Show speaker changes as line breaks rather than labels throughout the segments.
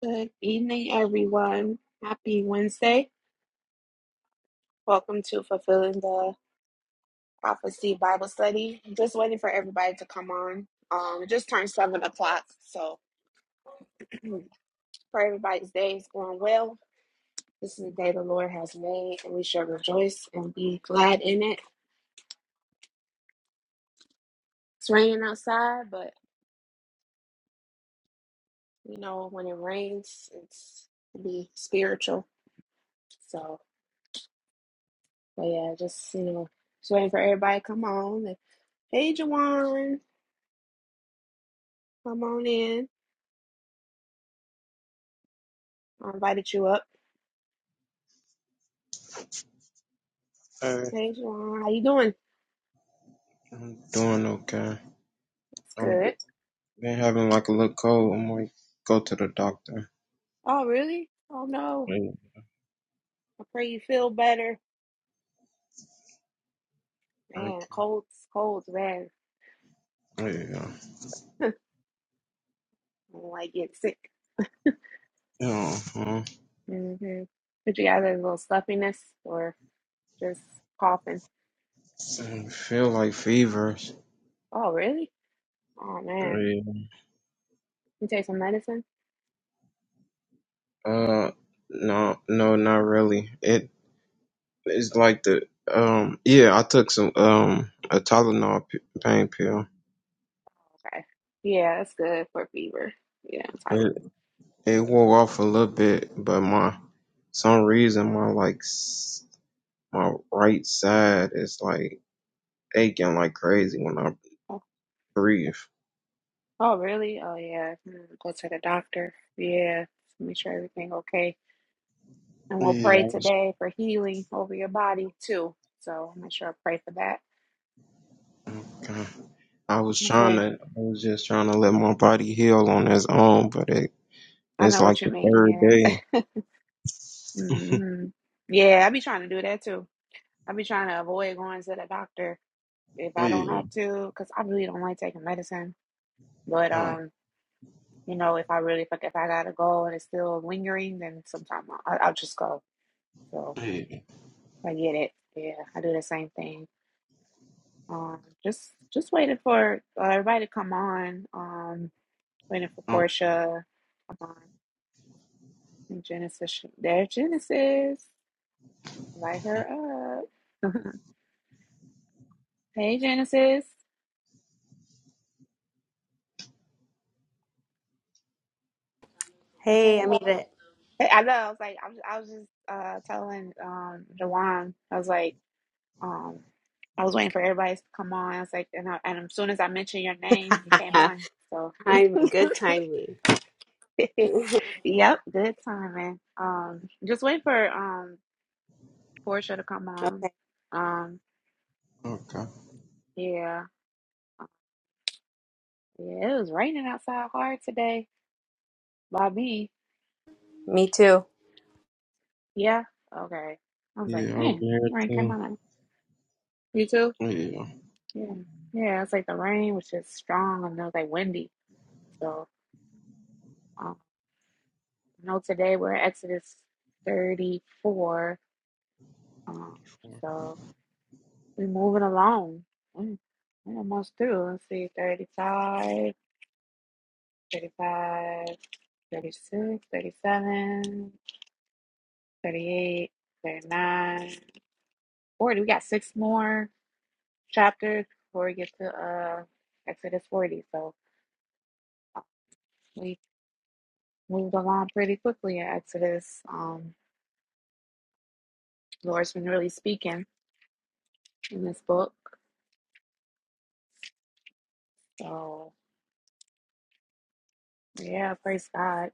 Good evening, everyone. Happy Wednesday. Welcome to Fulfilling the Prophecy Bible Study. Just waiting for everybody to come on. Um, it just turned seven o'clock, so for everybody's day is going well. This is the day the Lord has made, and we shall rejoice and be glad in it. It's raining outside, but you know when it rains, it's to be spiritual. So, but yeah, just you know, just waiting for everybody to come on. Hey, Jawan, come on in. I invited you up.
Hey,
Hey, Juwan, how you doing?
I'm doing okay.
That's
I've be-
good.
been having like a little cold. I'm gonna go to the doctor.
Oh, really? Oh no.
Yeah,
I pray you feel better.
thank
Man, colds, colds, man.
you. Yeah,
I don't like getting sick.
yeah. Uh-huh.
Mm-hmm. But you got a little stuffiness or just coughing.
I feel like fevers.
Oh, really? Oh man.
Yeah.
You take some medicine?
Uh, no, no, not really. It it's like the um. Yeah, I took some um a Tylenol p- pain pill.
Okay. Yeah, that's good for fever. Yeah, I'm Tyler.
It it wore off a little bit, but my some reason my like s- my right side is like aching like crazy when I breathe.
Oh, really? Oh, yeah. Hmm, Go to the doctor. Yeah. Make sure everything okay. And we'll
Yeah,
pray
I was,
today for healing over your body too. So make sure I pray for that.
okay. I was
That's
trying
when
to, I was just trying to let my body heal on its own, but it,
I
it's
know
like
what you
the
mean.
third
Yeah.
day.
hmm Yeah, I be trying to do that too. I be trying to avoid going to the doctor if I don't
Yeah.
have to, because I really don't like taking medicine. But
Oh,
um, you know, if I really if I gotta go and it's still lingering, then sometimes I'll, I'll just go. So
yeah.
I get it. Yeah, I do the same thing. Um, just just waiting for uh, everybody to come on. Um, waiting for
Oh,
Portia. Come on, And Genesis. she- There's Genesis. Light her up. hey, Genesis. Hey,
Hey, I'm Amita.
hey. I know. I was like, I was, I was just uh telling um Jawan. I was like, um, I was waiting for everybody to come on. I was like, and I, and as soon as I mentioned your name, you came on. So,
I'm good timing.
yep, good timing. Um, just waiting for um. Portia to come on.
Okay.
Um,
okay.
yeah, yeah, it was raining outside hard today by me. Yeah, okay. I was like,
Yeah, over
man, the
here
rain came
too.
on. like You too?
Yeah.
Yeah, yeah. It's like the rain was just strong and it was like windy. So, um, you know, today we're at Exodus 34. Um, so we're moving along. Mm, We're almost through. Let's see, 35 35 36 37. 38, 39, 40. We got six more chapters before we get to uh Exodus 40. So uh, we moved along pretty quickly in Exodus. Um, the Lord's been really speaking in this book. So yeah, praise God.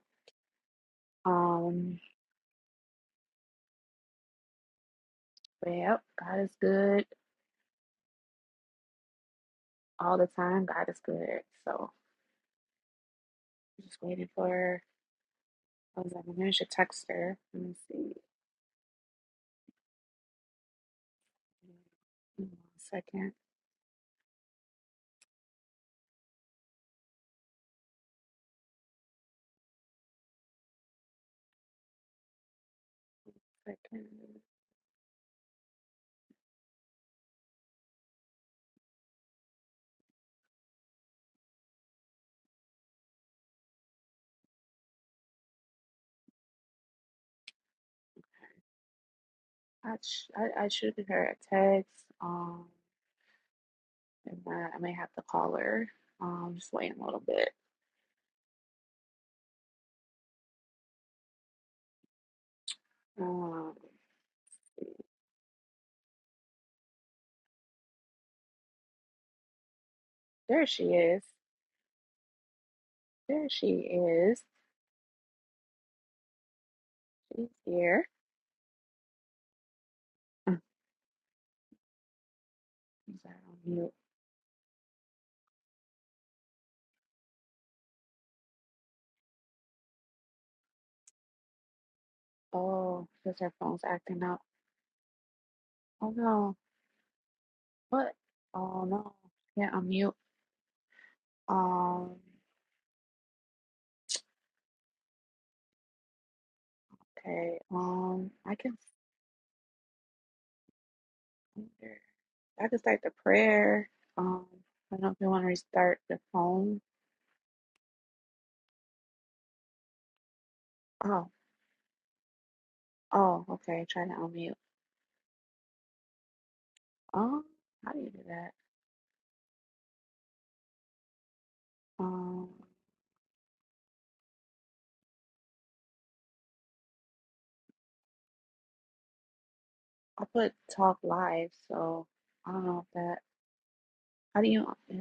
Um, but yep, God is good all the time. God is good. So just waiting for I was like, I should text her. Let me see. One second. Second. I, sh I I should give her a text. Um, and I, I may have to call her. Um, just waiting a little bit. Um, there she is. There she is. She's here. Mm, Is that on mute? Oh, because her phone's acting up. Oh no. What? Oh no. Yeah, I'm mute. Um. Okay. Um. I can. I can start the prayer. Um. I don't know if you want to restart the phone. Oh. Oh. Okay. Try to unmute. Um, how do you do that? Um, I put talk live, so I don't know if that. How do you? uh,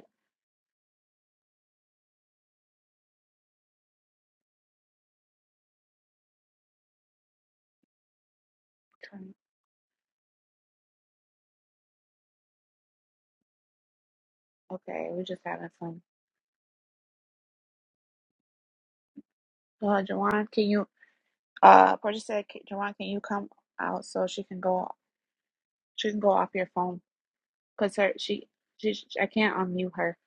turn? Okay, we're just having fun. So, Uh, Jawan, can you? Uh, Portia said, "Ca- Jawan, can you come out so she can go? She can go off your phone, cause her she she sh- I can't unmute her.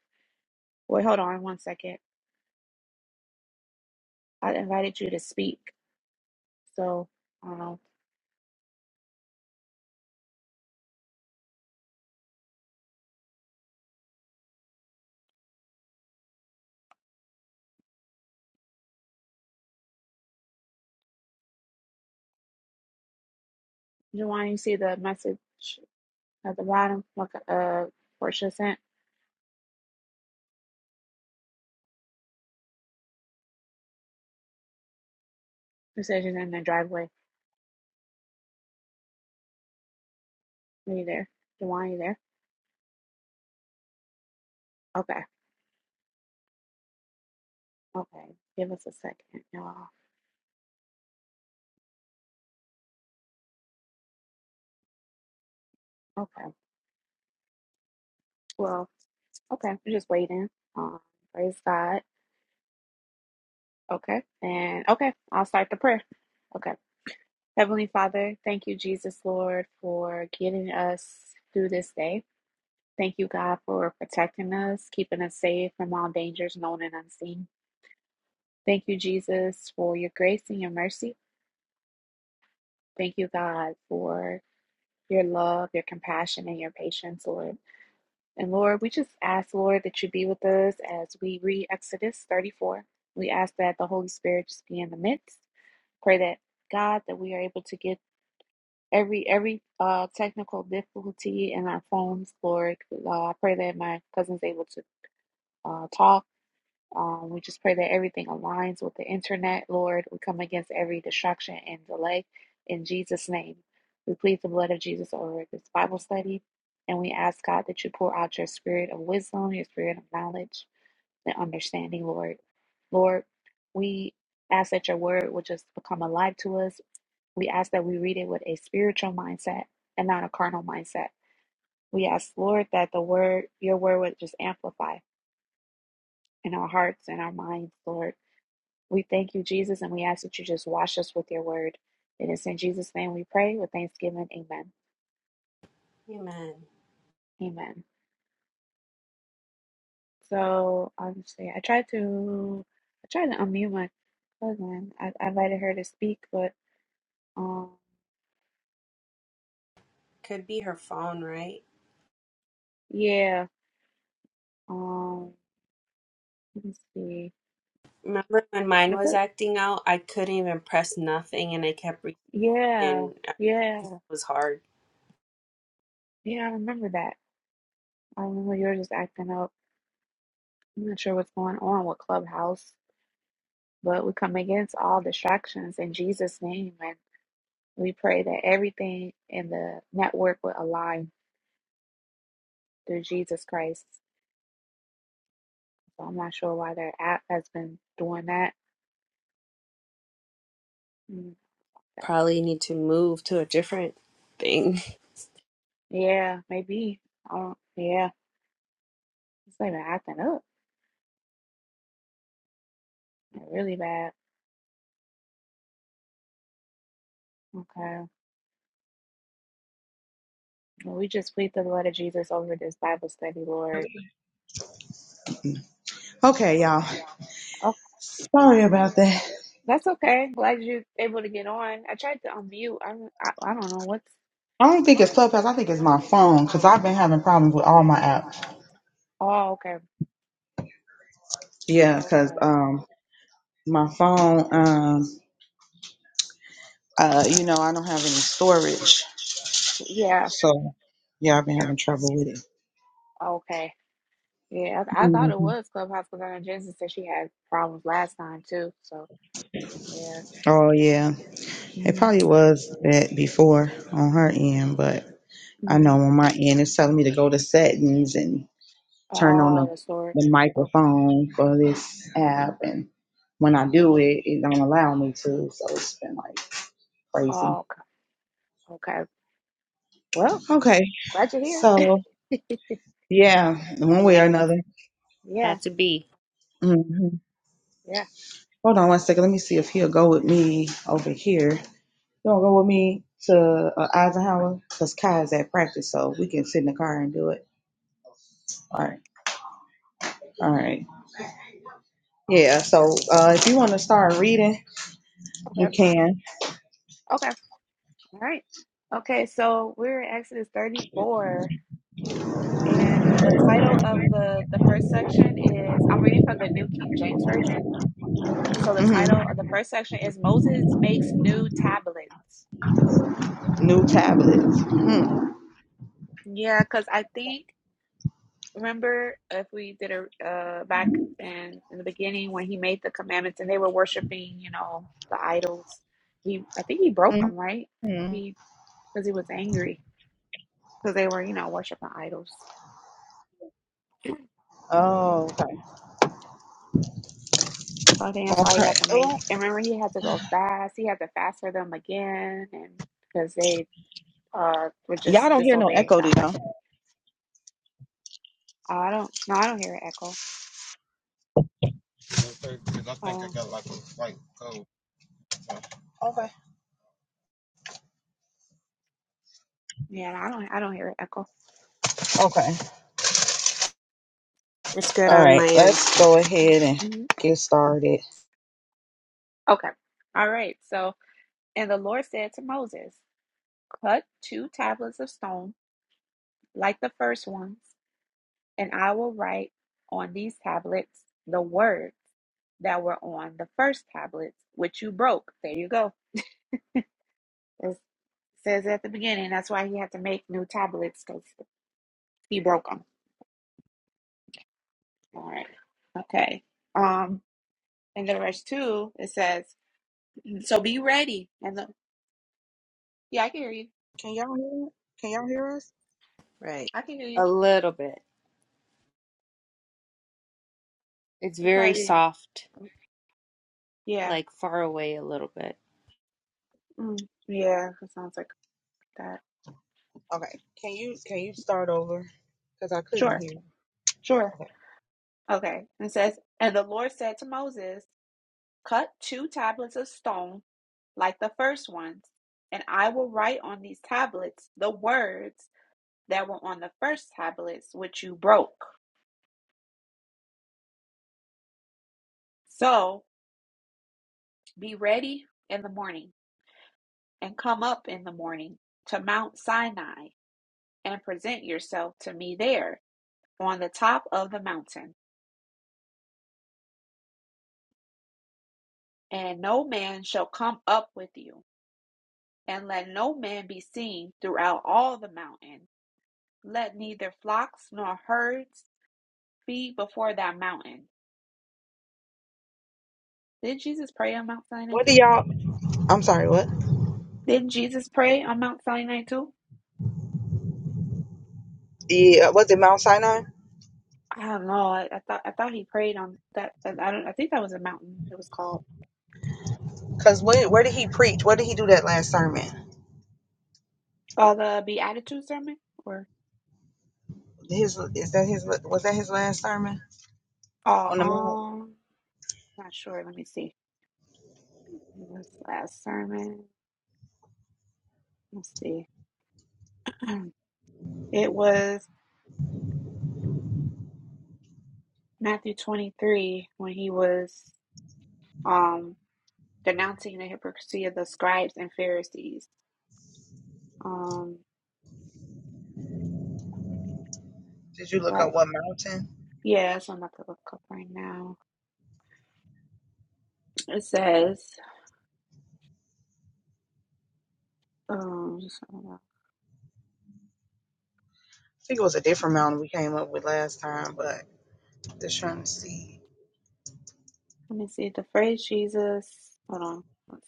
Wait, hold on one second. I invited you to speak, so I don't know. Jawan, you see the message at the bottom? Look, uh, Portia sent. It says she's in the driveway. Are you there? Jawan, you there? Okay, okay. Give us a second, y'all. Okay. Well, okay. We're just waiting. Um, praise God. Okay. And okay, I'll start the prayer. Okay. Heavenly Father, thank you, Jesus Lord, for getting us through this day. Thank you, God, for protecting us, keeping us safe from all dangers known and unseen. Thank you, Jesus, for your grace and your mercy. Thank you, God, for your love, your compassion, and your patience, Lord. And Lord, we just ask, Lord, that you be with us as we read Exodus 34. We ask that the Holy Spirit just be in the midst. Pray that God that we are able to get every every uh technical difficulty in our phones, Lord. Uh, I pray that my cousin's able to uh, talk um, we just pray that everything aligns with the internet, Lord. We come against every distraction and delay in Jesus' name. We plead the blood of Jesus over this Bible study, and we ask God that you pour out your spirit of wisdom, your spirit of knowledge, and understanding, Lord. Lord, we ask that your word would just become alive to us. We ask that we read it with a spiritual mindset and not a carnal mindset. We ask, Lord, that the word, your word would just amplify in our hearts and our minds, Lord we thank you, Jesus, and we ask that you just wash us with your word. It is in Jesus' name we pray with thanksgiving. Amen.
Amen.
Amen. So obviously, I tried to I tried to unmute my cousin. I, I invited her to speak, but um,
Could be her phone, right?
yeah. Um, let me see.
Remember when mine
I
was
put
acting out? I couldn't even press nothing and I kept reaching.
yeah,
and uh,
yeah,
It was hard.
yeah. I remember that. I remember you were just acting up. I'm not sure what's going on with Clubhouse, but we come against all distractions in Jesus' name We pray that everything in the network will align through Jesus Christ. So I'm not sure why their app has been doing that. Mm,
Probably need to move to a different thing.
Yeah, maybe. I don't, yeah, it's not even acting up. Like, Really bad. Okay. Well, we just plead the blood of Jesus over this Bible study, Lord.
Okay, y'all.
Okay.
Sorry about that.
That's okay. Glad you're able to get on. I tried to unmute. I, I, I don't know what's.
I don't think it's Clubhouse. I think it's my phone because I've been having problems with all my apps.
Oh, okay.
Yeah, because
Okay.
um, my phone, um, uh, you know, I don't have any storage,
Yeah.
so yeah, I've been having trouble with it.
Okay. Yeah, I, I thought it
Mm-hmm.
was Clubhouse because I know Jensen said she had problems last time too. So yeah.
Oh yeah, it
Mm-hmm.
probably was that before on her end, but I
mm-hmm.
know on my end it's telling me to go to settings and turn on the,
Oh, the story.
the
Oh,
microphone for this app, and when I do
oh,
it, it don't allow me to. So it's been like crazy.
oh, okay. okay. Well,
Okay,
glad you're here.
so yeah, in one way
Yeah,
or another.
Yeah,
had to be.
hmm
yeah.
Hold on one second. Let me see if he'll go with me over here. You don't go with me to uh, Eisenhower because Kai is at practice, so we can sit in the car and do it. All right. All right. Yeah, so uh, if you want to start reading,
Okay.
you can.
Okay. All right. Okay, so we're in Exodus 34, and the title of the the first section is I'm reading from the New King James Version. So the
hmm
title of the first section is Moses makes new tablets.
New tablets. Mm-hmm.
Mhm. Yeah, because I think remember if we did a uh, back in, in the beginning when he made the commandments and they were worshiping, you know, the idols. He, I think he broke them, right? He because he was angry because they were, you know, worshiping idols.
Oh, okay.
So I think that's why he
Okay.
had to make.
Oh,
And remember, he had to go fast. He had to fast for them again, and because they uh were
y'all
just
don't hear no
disobeying
echo, do
God.
y'all?
I don't. No, I don't hear an echo. Oh,
Okay.
yeah, I don't. I don't hear an echo.
Okay.
It's good
All
on
right.
my end.
Let's go ahead and
hmm
get started.
Okay. All right. So. And the Lord said to Moses, Cut two tablets of stone like the first ones, and I will write on these tablets the words that were on the first tablets, which you broke. There you go. It says at the beginning. That's why he had to make new tablets because he broke them. All right. Okay. Um, and then verse two, it says, So be ready. And the, yeah, I can hear you.
Can y'all hear? Can y'all hear us?
Right.
I can hear you.
A little bit. It's
It's
very
probably,
soft,
yeah.
like far away a little bit.
Mm, yeah. It sounds like that.
Okay. Can you can you start over? Cause I
Sure.
couldn't hear.
Sure.
Okay.
Okay. it says, And the Lord said to Moses, Cut two tablets of stone like the first ones, and I will write on these tablets the words that were on the first tablets which you broke. So be ready in the morning, and come up in the morning to Mount Sinai, and present yourself to me there on the top of the mountain. And no man shall come up with you, and let no man be seen throughout all the mountain Let neither flocks nor herds feed before that mountain. Did Jesus pray on Mount Sinai
What do
too?
y'all? I'm sorry. What?
Didn't Jesus pray on Mount Sinai too?
Yeah. Was it Mount Sinai?
I don't know. I, I thought I thought he prayed on that. I don't. I think that was a mountain. It was called
Cause where where did he preach? Where did he do that last sermon?
uh, the Beatitude sermon, or
His is that his was that his last sermon?
oh,
on the mount.
um, not sure. Let me see. This last sermon. Let's see. Um, It was Matthew twenty three when he was um denouncing the hypocrisy of the scribes and Pharisees. um.
Did you look
But
up what mountain?
yeah, that's what I'm about to look up right now. It says, um, just, I don't know.
I think it was a different mountain we came up with last time, but just trying to see.
Let me see the phrase Jesus. Hold on. let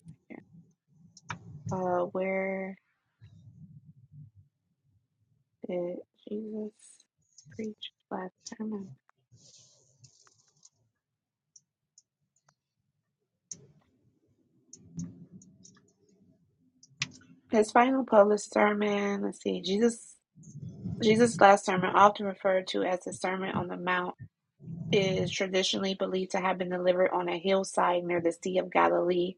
Uh, where did Jesus preach last sermon? His final published sermon. Let's see. Jesus. Jesus' last sermon, often referred to as the Sermon on the Mount, is traditionally believed to have been delivered on a hillside near the Sea of Galilee,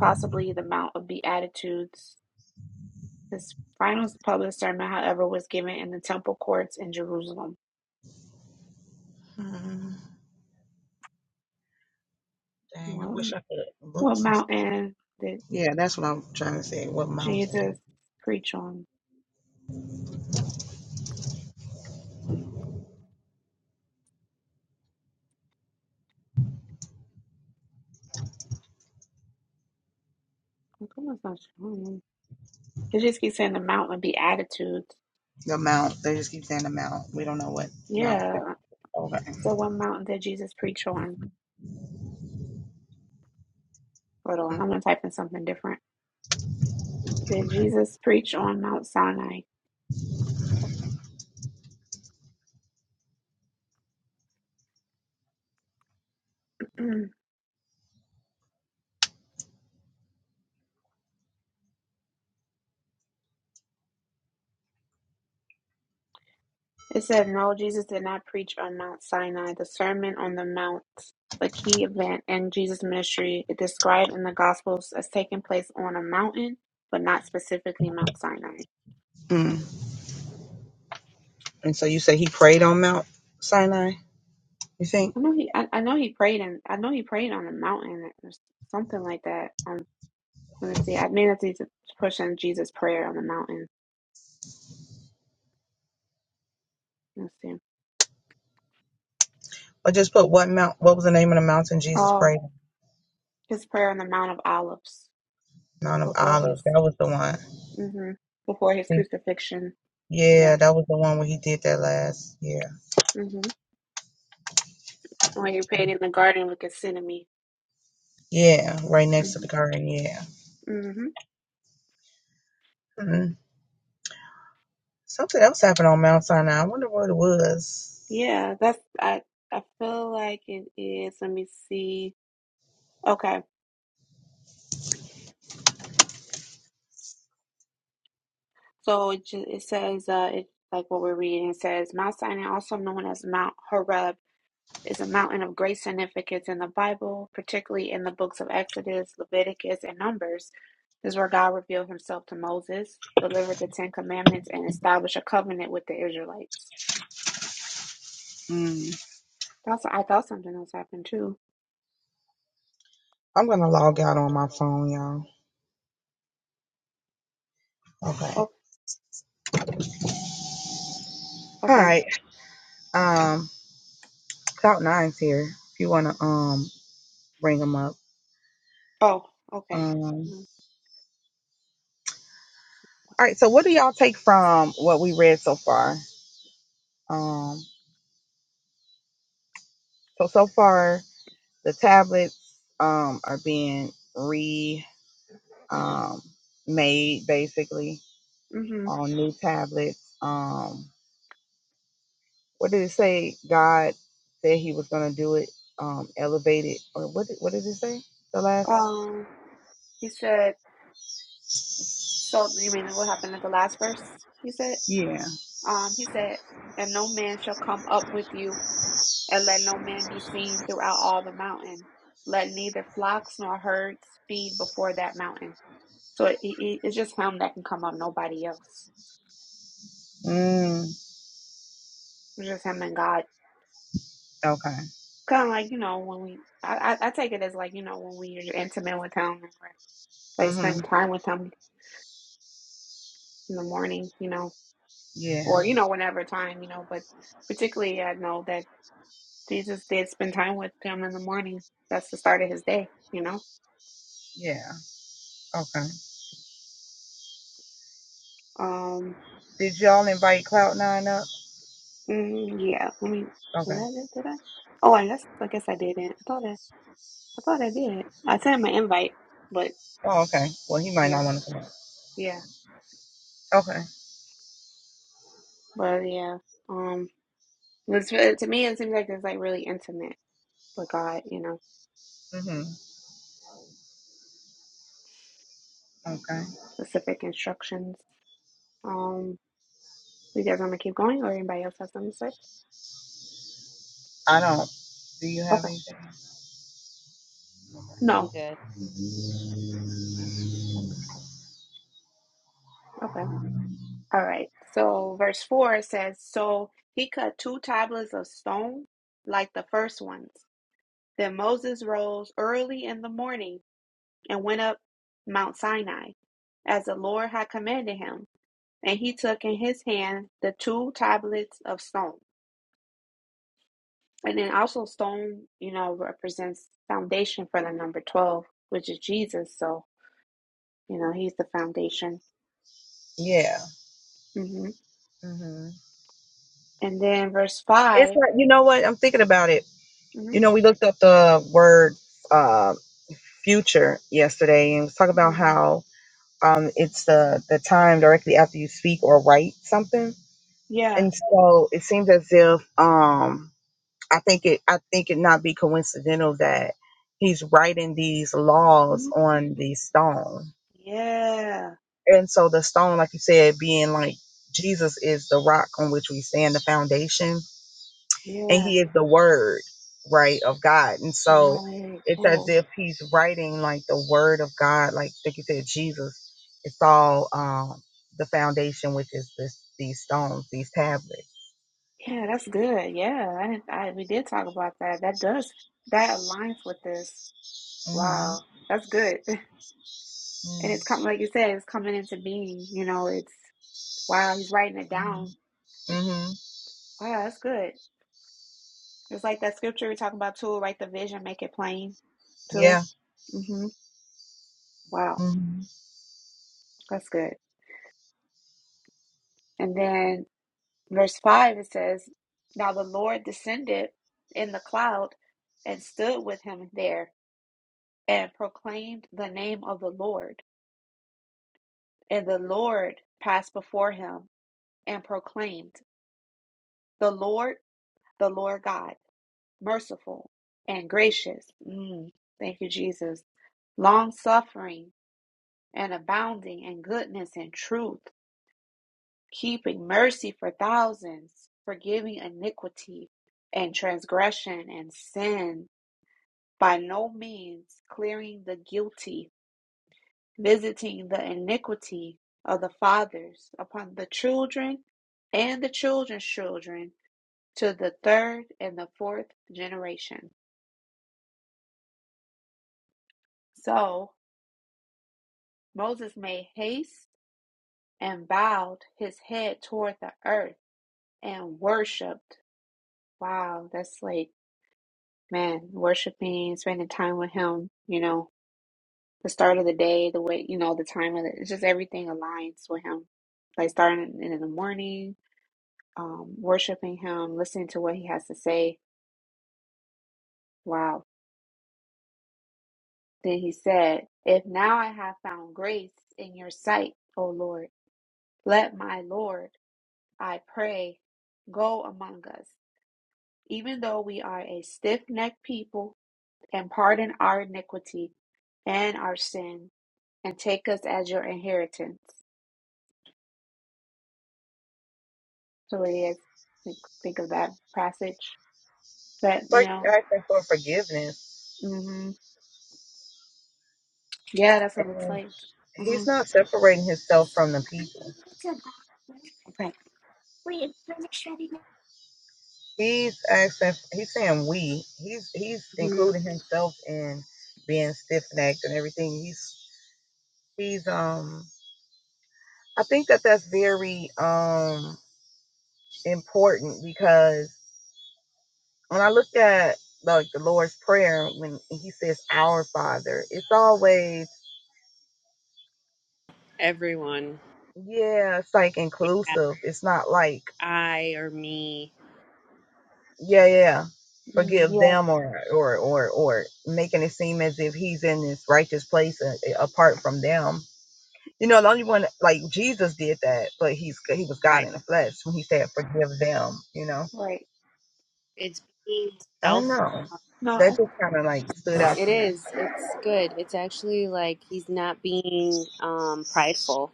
possibly the Mount of Beatitudes. His final public sermon, however, was given in the Temple courts in Jerusalem.
Hmm, dang, I
What,
wish I could look
what
some stuff.
mountain did
Yeah, that's what I'm trying to say. What mountain?
Jesus preach on? How come it's not showing? It just keeps saying the mountain Beatitudes.
The mount. They just keep saying the mount. We don't know what mount. That,
Yeah.
okay.
So, what mountain did Jesus preach on? Hold on, I'm gonna type in something different.
Hmm,
Did
Okay.
Jesus preach on Mount Sinai? It said, No, Jesus did not preach on Mount Sinai. The Sermon on the Mount, a key event in Jesus' ministry, is described in the Gospels as taking place on a mountain, but not specifically Mount Sinai.
Mm. And so you say he prayed on Mount Sinai. You think?
I know he, I, I know he prayed, and I know he prayed on a mountain or something like that. Um, let me see. I may have to push in Jesus' prayer on the mountain. Let me see.
Or just put what mount? What was the name of the mountain Jesus
Oh,
prayed? on?
his prayer on the Mount of Olives
Mount of
before his,
Olives. That was the one.
hmm before his
See,
crucifixion. Yeah.
yeah, that was the one where he did that last year.
hmm When you are painting the garden with Gethsemane.
Yeah, right next to the
Mm-hmm.
garden. Yeah.
hmm
hmm Something else happened on Mount Sinai. I wonder what it was.
Yeah, that's I. I feel like it is. Let me see. Okay, so it, ju- it says uh, it like what we're reading. It says Mount Sinai, also known as Mount Horeb, is a mountain of great significance in the Bible, particularly in the books of Exodus, Leviticus, and Numbers. This is where God revealed Himself to Moses, delivered the Ten Commandments, and established a covenant with the Israelites.
Mm.
That's I thought something else happened too.
I'm gonna log out on my phone, y'all. Okay.
Oh,
All
okay.
right. Um, Cloud Nine's here. If you wanna um bring them up.
Oh, okay.
Um.
Mm,
All right. So what do y'all take from what we read so far? Um. So so far the tablets um are being re um made basically
Mm-hmm.
on new tablets. Um. what did it say? God said He was going to do it, um, elevate it, or what? Did, what did it say? The last,
Um, he said, so you mean what happened at the last verse? He said,
yeah.
um, he said, and no man shall come up with you, and let no man be seen throughout all the mountain. Let neither flocks nor herds feed before that mountain. So it, it, it's just him that can come up, nobody else.
Mm,
It's just him and God.
okay.
Kind of like, you know, when we, I, I, I take it as like, you know, when we're intimate with him, and we're, like spending
Mhm.
time with him in the morning, you know
Yeah.
or you know whenever time you know but particularly i know that jesus did spend time with him in the morning that's the start of his day you know
Yeah. Okay.
um
Did y'all invite Cloud Nine up?
mm, yeah let me did
Okay.
i did i oh i guess i guess i didn't i thought i i thought i did i sent him an invite but
Oh, okay. Well, he might
yeah
not want to come up.
yeah
Okay.
but yeah um it's, to me it seems like it's like really intimate with god you know
Mhm. Okay.
specific instructions um you guys want to keep going or anybody else have something to say
I don't. Do you have
okay
anything?
I'm
no
good.
Okay. All right. So verse 4 says, So he cut two tablets of stone like the first ones. Then Moses rose early in the morning and went up Mount Sinai, as the Lord had commanded him. And he took in his hand the two tablets of stone. And then also, stone, you know, represents foundation for the number 12, which is Jesus. So, you know, he's the foundation.
Yeah.
hmm
Mhm.
And then verse
It's
5.
like you know what I'm thinking about it. You know, we looked up the word uh, future yesterday and it was talking about
hmm
how um, it's the, the time directly after you speak or write something.
Yeah.
And so it seems as if um, I think it I think it not be coincidental that he's writing these laws on
Mm-hmm.
the stone.
Yeah,
And so the stone, like you said, being like Jesus is the rock on which we stand, the foundation and
yeah,
he is the word right of god and so
right.
it's as
Oh,
if he's writing like the word of god like like you said jesus it's all um the foundation which is this these stones these tablets
yeah, that's good. Yeah, I didn't, I we did talk about that. That does that aligns with this.
mm-hmm
Wow, that's good. And it's
mm-hmm,
coming, like you said, it's coming into being. You know, it's wow. He's writing it down.
mm-hmm. Mm-hmm.
Wow, that's good. It's like that scripture we talk about too. Write the vision, make it plain too.
yeah
Mm-hmm. Wow,
mm-hmm.
that's good. And then Verse 5 it says, Now the Lord descended in the cloud and stood with him there and proclaimed the name of the Lord. And the Lord passed before him and proclaimed, The Lord, the Lord God, merciful and gracious. Mm, thank you, Jesus. Long suffering and abounding in goodness and truth, keeping mercy for thousands, forgiving iniquity and transgression and sin by no means clearing the guilty, visiting the iniquity of the fathers upon the children and the children's children to the third and the fourth generation. So Moses made haste and bowed his head toward the earth and worshiped. Wow, that's like, man, worshiping, spending time with him, you know, the start of the day, the way you know, the time of it. It's just everything aligns with him. Like starting in the morning, um, worshiping him, listening to what he has to say. Wow. Then he said, If now I have found grace in your sight, O Lord, let my Lord, I pray, go among us, even though we are a stiff necked people, and pardon our iniquity and our sin, and take us as your inheritance. Totally, I think, think of that passage. But
it's
you
like
know,
asking for forgiveness
hmm yeah, that's what it looks
and
like. hmm
he's not separating himself from the people
Okay.
he's asking he's saying we he's he's
Mhm.
including himself in being stiff-necked and everything he's She's um I think that that's very um important because when I look at like the Lord's prayer when he says our father, it's always
Everyone.
yeah, it's like
Yeah.
inclusive. It's not like
I or me.
yeah, yeah,
Mm,
forgive
yeah,
them or or or or making it seem as if he's in this righteous place a- apart from them. You know, the only one like Jesus did that, but he's he was God
Right.
in the flesh when he said forgive them, you know
right.
It's being
I
self.
don't know.
No,
That
I-
just kind of like stood out
It
to me.
is. It's good. It's actually like he's not being um prideful.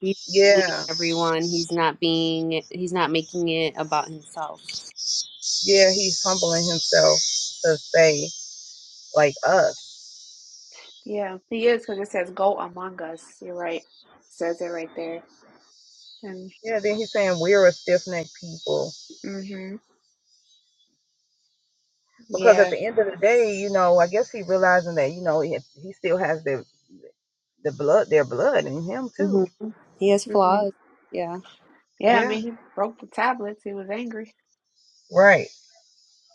He's including
Yeah,
everyone. He's not being. He's not making it about himself.
yeah, he's humbling himself to say like us.
yeah, he is because it says go among us. You're right. says it right there. And
Yeah, then he's saying we're a stiff necked people
hmm
because at
yeah,
the end of the day, you know, I guess he realizing that you know he, he still has the the blood, their blood in him
hmm
too.
He has
hmm
flaws. Yeah.
yeah. I
Yeah,
mean, he broke the tablets. He was angry.
right.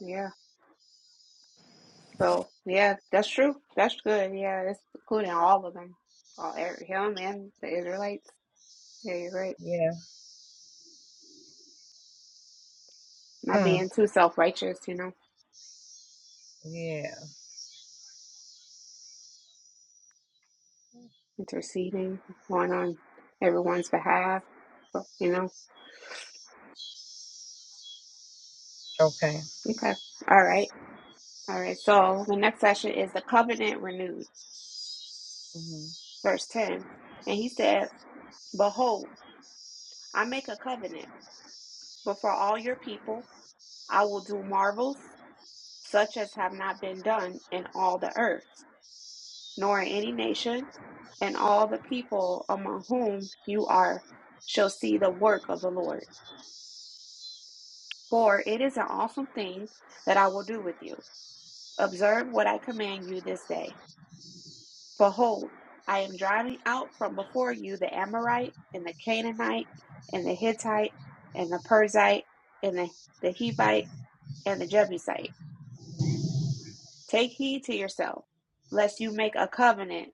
Yeah. So yeah, that's true. That's good. Yeah, that's including all of them, all every- him and the Israelites. Yeah, you're right.
Yeah.
Not
Hmm.
being too self righteous, you know,
Yeah.
interceding, going on everyone's behalf, but, you know.
Okay.
Okay. All right. All right. So the next session is the covenant renewed,
hmm
verse 10. And he said, Behold, I make a covenant before all your people. I will do marvels such as have not been done in all the earth, nor in any nation, and all the people among whom you are shall see the work of the Lord. For it is an awesome thing that I will do with you. Observe what I command you this day. Behold, I am driving out from before you the Amorite, and the Canaanite, and the Hittite, and the Perizzite, and the, the Hivite, and the Jebusite. Take heed to yourself, lest you make a covenant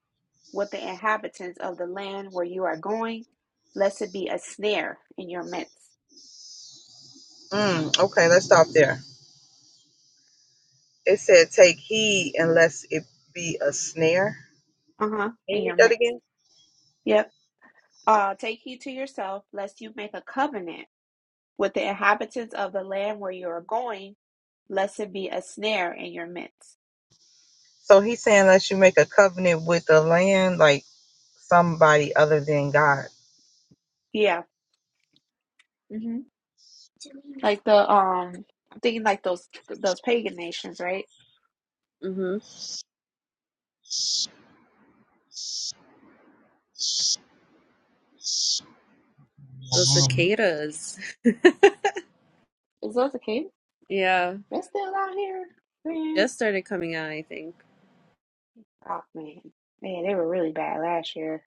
with the inhabitants of the land where you are going, lest it be a snare in your midst.
Mm, okay. Let's stop there. It said, "Take heed, unless it be a snare."
Uh-huh.
Can you
And
read
your
that
midst.
again?
Yep. Uh, take heed to yourself, lest you make a covenant with the inhabitants of the land where you are going, lest it be a snare in your midst.
So he's saying unless you make a covenant with the land, like somebody other than God.
Yeah. hmm Like the um I'm thinking like those those pagan nations, right?
hmm Those
Mhm.
cicadas.
Is those the case?
Yeah.
They're still out here, man.
Just started coming out, I think.
Oh man. Man, they were really bad last year.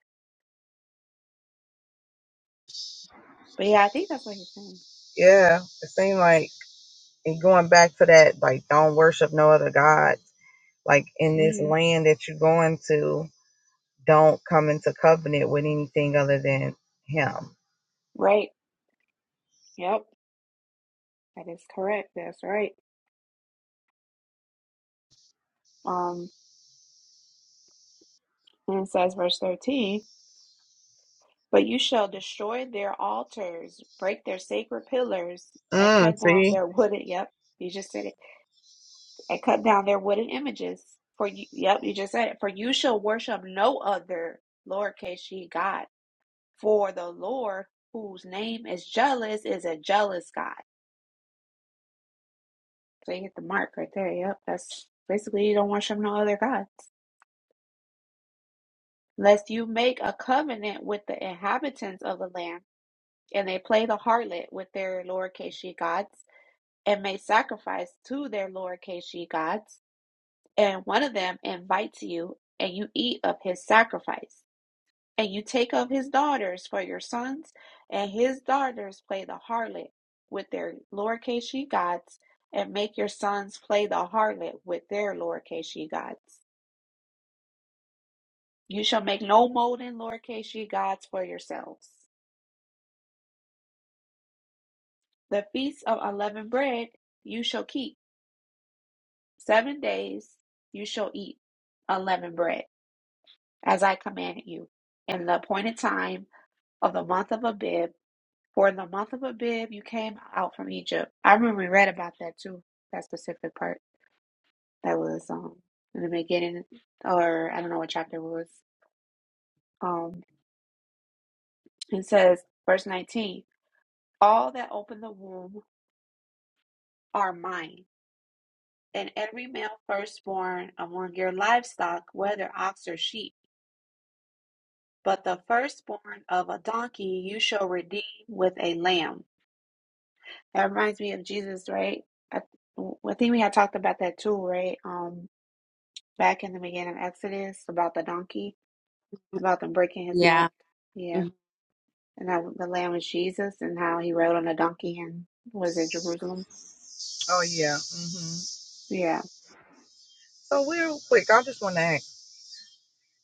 But yeah, I think that's what he's saying.
Yeah, it seemed like and going back to that, like don't worship no other god. Like in this
hmm
land that you're going to, don't come into covenant with anything other than Him.
Right. Yep. That is correct. That's right. Um, and it says, verse 13, but you shall destroy their altars, break their sacred pillars, and
Mm,
cut down
see?
their wooden, yep, you just said it, and cut down their wooden images. For you, yep, you just said it. For you shall worship no other, lowercase g, God. For the Lord, whose name is jealous, is a jealous God. So you hit the mark right there. Yep, that's basically you don't worship no other gods. lest you make a covenant with the inhabitants of the land, and they play the harlot with their lowercase she gods, and make sacrifice to their lowercase she gods, and one of them invites you, and you eat of his sacrifice, and you take of his daughters for your sons, and his daughters play the harlot with their lowercase she gods, and make your sons play the harlot with their lowercase she gods. You shall make no molten lowercase she gods for yourselves. The feast of unleavened bread you shall keep. Seven days you shall eat unleavened bread, as I commanded you, in the appointed time of the month of Abib. For in the month of Abib you came out from Egypt. I remember we read about that too, that specific part. That was um in the beginning, or I don't know what chapter it was. Um, it says, verse 19, All that open the womb are mine. and every male firstborn among your livestock, whether ox or sheep. But the firstborn of a donkey you shall redeem with a lamb. That reminds me of Jesus, right? I, I think we had talked about that too, right? Um, back in the beginning of Exodus about the donkey, about them breaking his
Yeah.
neck. Yeah,
Mhm.
and how the lamb was Jesus, and how he rode on a donkey and was in Jerusalem.
Oh yeah. hmm
Yeah,
So real quick, I just want to ask.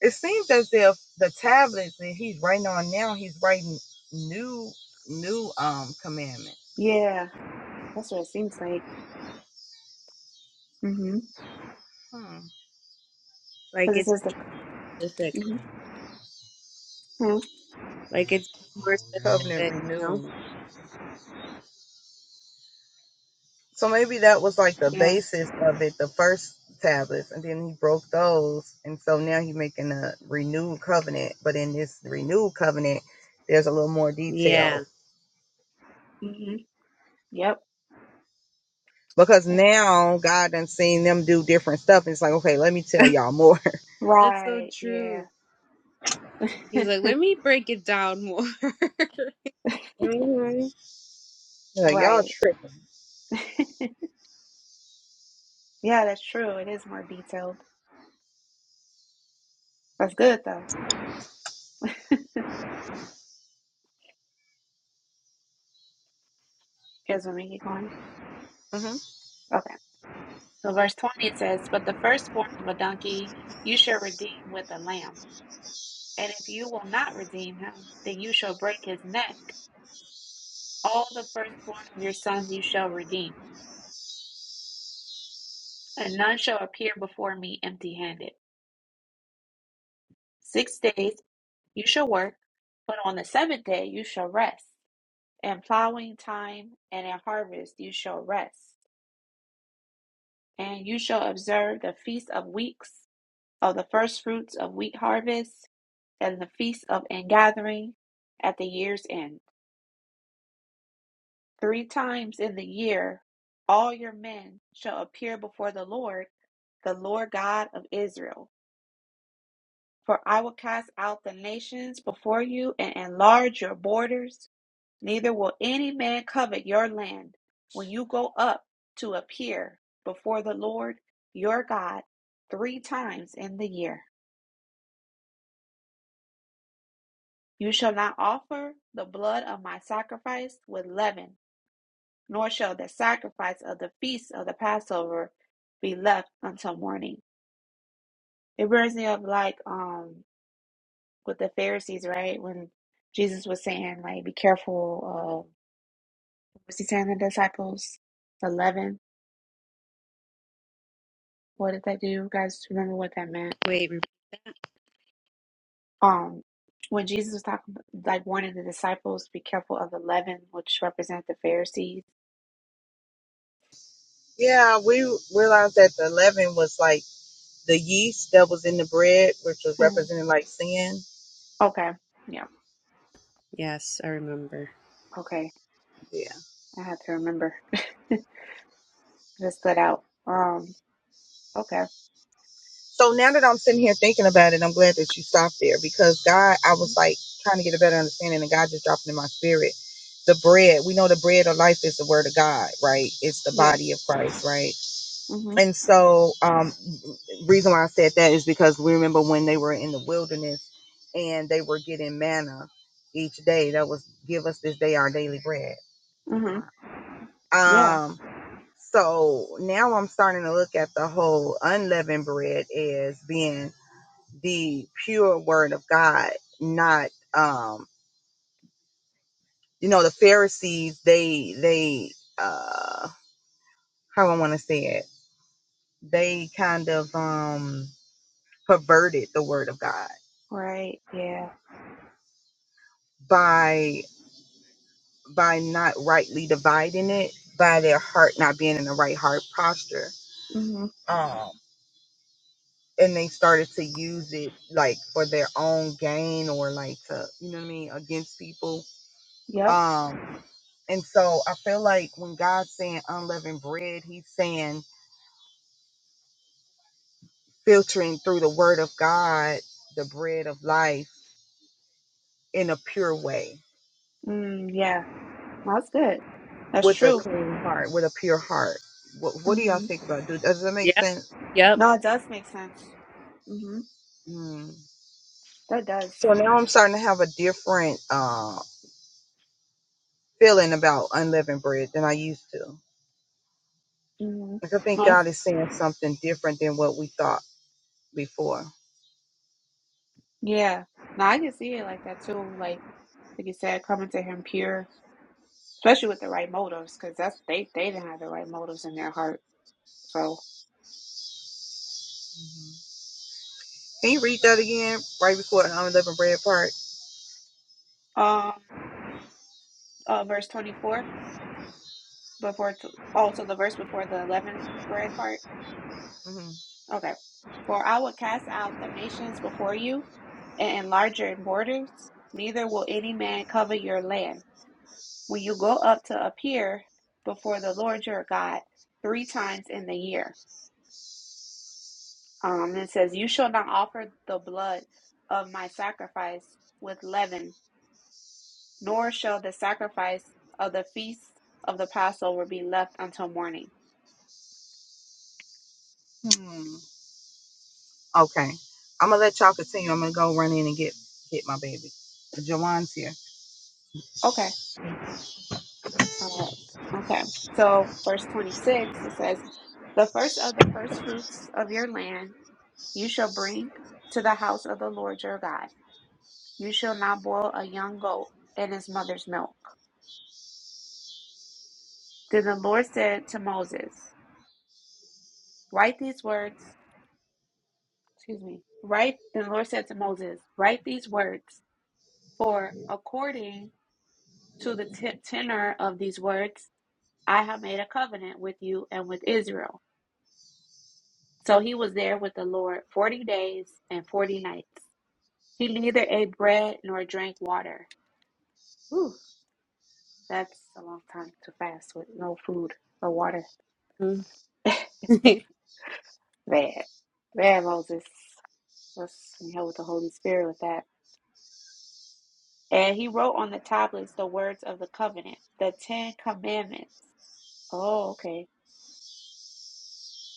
It seems as if the tablets that he's writing on now, he's writing new, new um commandments.
yeah, that's what it seems like. Mhm.
Hmm.
Like
Because it
it's
says the.
specific.
hmm
Like it's more
covenant
specific, you know?
renewed. So maybe that was like the
Yeah.
basis of it, the first tablets, and then he broke those, and so now he's making a renewed covenant. But in this renewed covenant, there's a little more
Yeah.
detail
Mm-hmm. Yep.
because now God done seen them do different stuff, and it's like, okay, let me tell y'all more.
That's so
Right. Yeah.
true. He's like, let me break it down more.
hmm Like y'all
Right.
tripping.
Yeah, that's true. It is more detailed. That's good though. Here's when we get going.
hmm
Okay. So verse 20 says, But the firstborn of a donkey you shall redeem with a lamb. And if you will not redeem him, then you shall break his neck. All the firstborn of your sons you shall redeem, and none shall appear before me empty handed. Six days you shall work, but on the seventh day you shall rest. In plowing time and in harvest you shall rest, and you shall observe the feast of weeks of the first fruits of wheat harvest, and the feast of ingathering at the year's end. Three times in the year all your men shall appear before the Lord, the Lord God of Israel. For I will cast out the nations before you and enlarge your borders. Neither will any man covet your land when you go up to appear before the Lord your God three times in the year. You shall not offer the blood of my sacrifice with leaven, nor shall the sacrifice of the feast of the Passover be left until morning. It reminds me of like um with the Pharisees, right? When Jesus was saying, like, be careful of was he saying to the disciples? The leaven. What did that do? You guys remember what that meant?
Wait,
Um, when Jesus was talking, like warning the disciples, to be careful of the leaven, which represent the Pharisees.
Yeah, we realized that the leaven was like the yeast that was in the bread, which was
Mm,
representing like sin.
okay, yeah,
Yes, I remember.
okay,
Yeah.
I had to remember. Just stood out. Um, okay,
So now that I'm sitting here thinking about it, I'm glad that you stopped there because God, I was
Mhm.
like trying to get a better understanding, and God just dropped it in my spirit. The bread, we know the bread of life is the word of God, right? It's the
yes,
body of Christ, right?
mm-hmm,
And so, um, reason why I said that is because we remember when they were in the wilderness and they were getting manna each day. That was give us this day our daily bread.
mm-hmm, yeah,
Wow. Um, so now I'm starting to look at the whole unleavened bread as being the pure word of God, not um you know the Pharisees they they uh how I want to say it they kind of um perverted the word of God
right, yeah,
by by not rightly dividing it by their heart not being in the right heart posture
mm-hmm,
um and they started to use it like for their own gain or like to you know what I mean against people
yep,
Um, and so I feel like when God's saying unleavened bread, he's saying filtering through the word of God, the bread of life in a pure way,
mm, yeah, that's good. That's
with a
true.
clean heart, with a pure heart. What, what do y'all
Mm-hmm.
think about that? Does that make
Yep,
sense?
yep.
No, it does make sense. Mm-hmm.
Mm.
That does.
So now I'm starting to have a different uh, feeling about unleavened bread than I used to. Like I think
Mm-hmm.
God is saying something different than what we thought before.
Yeah. No, I can see it like that too. Like. Like you said, coming to him pure, especially with the right motives, because that's they they didn't have the right motives in their heart. So,
Mhm. Can you read that again right before the unleavened bread part?
um, uh, verse twenty four before t- oh, so the verse before the eleven bread part.
hmm
Okay, for I will cast out the nations before you, and enlarge your borders. Neither will any man cover your land. When you go up to appear before the Lord your God three times in the year, Um, it says, You shall not offer the blood of my sacrifice with leaven, nor shall the sacrifice of the feast of the Passover be left until morning.
Hmm. Okay. I'm gonna let y'all continue. I'm gonna go run in and get get my baby. Jawan's here.
Okay. Uh, okay. So, verse 26, it says, The first of the first fruits of your land you shall bring to the house of the Lord your God. You shall not boil a young goat in its mother's milk. Then the Lord said to Moses, Write these words excuse me, write, the Lord said to Moses, write these words, for according to the t- tenor of these words, I have made a covenant with you and with Israel. So he was there with the Lord 40 days and 40 nights. He neither ate bread nor drank water. Whew, that's a long time to fast with no food or water.
Mm.
Bad. Bad, Moses. Let's help with the Holy Spirit with that. And he wrote on the tablets the words of the covenant, the Ten Commandments. Oh, okay.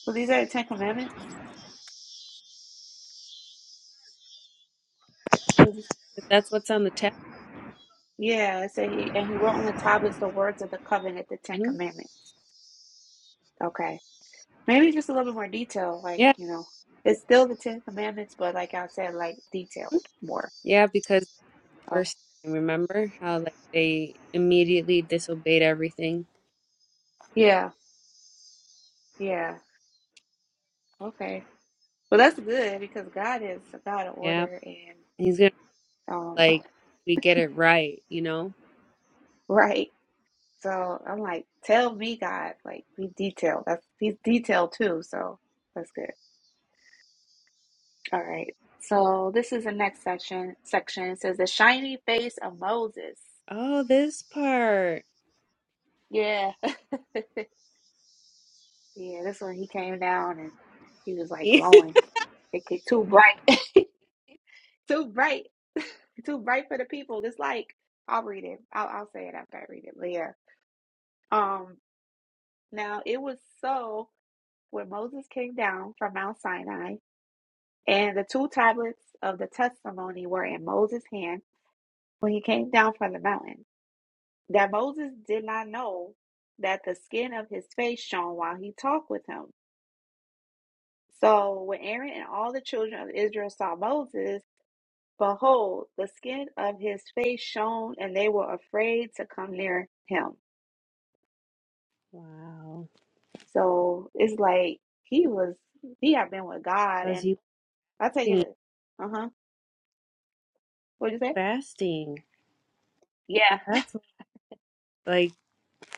So these are the Ten Commandments? Mhm.
But That's what's on the tab.
Yeah, so he and he wrote on the tablets the words of the covenant, the Ten
hmm
Commandments. Okay. Maybe just a little bit more detail, like,
Yeah,
you know, it's still the Ten Commandments, but like I said, like
mhm.
detailed more.
yeah. Because the
Oh,
first time, remember how like they immediately disobeyed everything.
yeah, yeah. Okay. Well, that's good because God is a God of
Yep.
order and
He's gonna be
um
like we get it right, you know.
right. So I'm like, tell me, God, like be detailed. That's he's
Like,
detailed too, so that's good. All right. So this is the next section. Section it says the shiny face of Moses.
Oh, this part.
Yeah, yeah. This one he came down and he was like glowing. It get too bright, too bright, too bright for the people. It's like I'll read it. I'll I'll say it after I read it. But yeah. Um. Now it was so when Moses came down from Mount Sinai. And the two tablets of the testimony were in Moses' hand when he came down from the mountain. That Moses did not know that the skin of his face shone while he talked with him. So when Aaron and all the children of Israel saw Moses, behold, the skin of his face shone, and they were afraid to come near him.
Wow.
So it's like he was, he had been with God.
Because
And
he was
I take it,
singing,
uh huh. What'd you say?
fasting.
Yeah.
That's what- like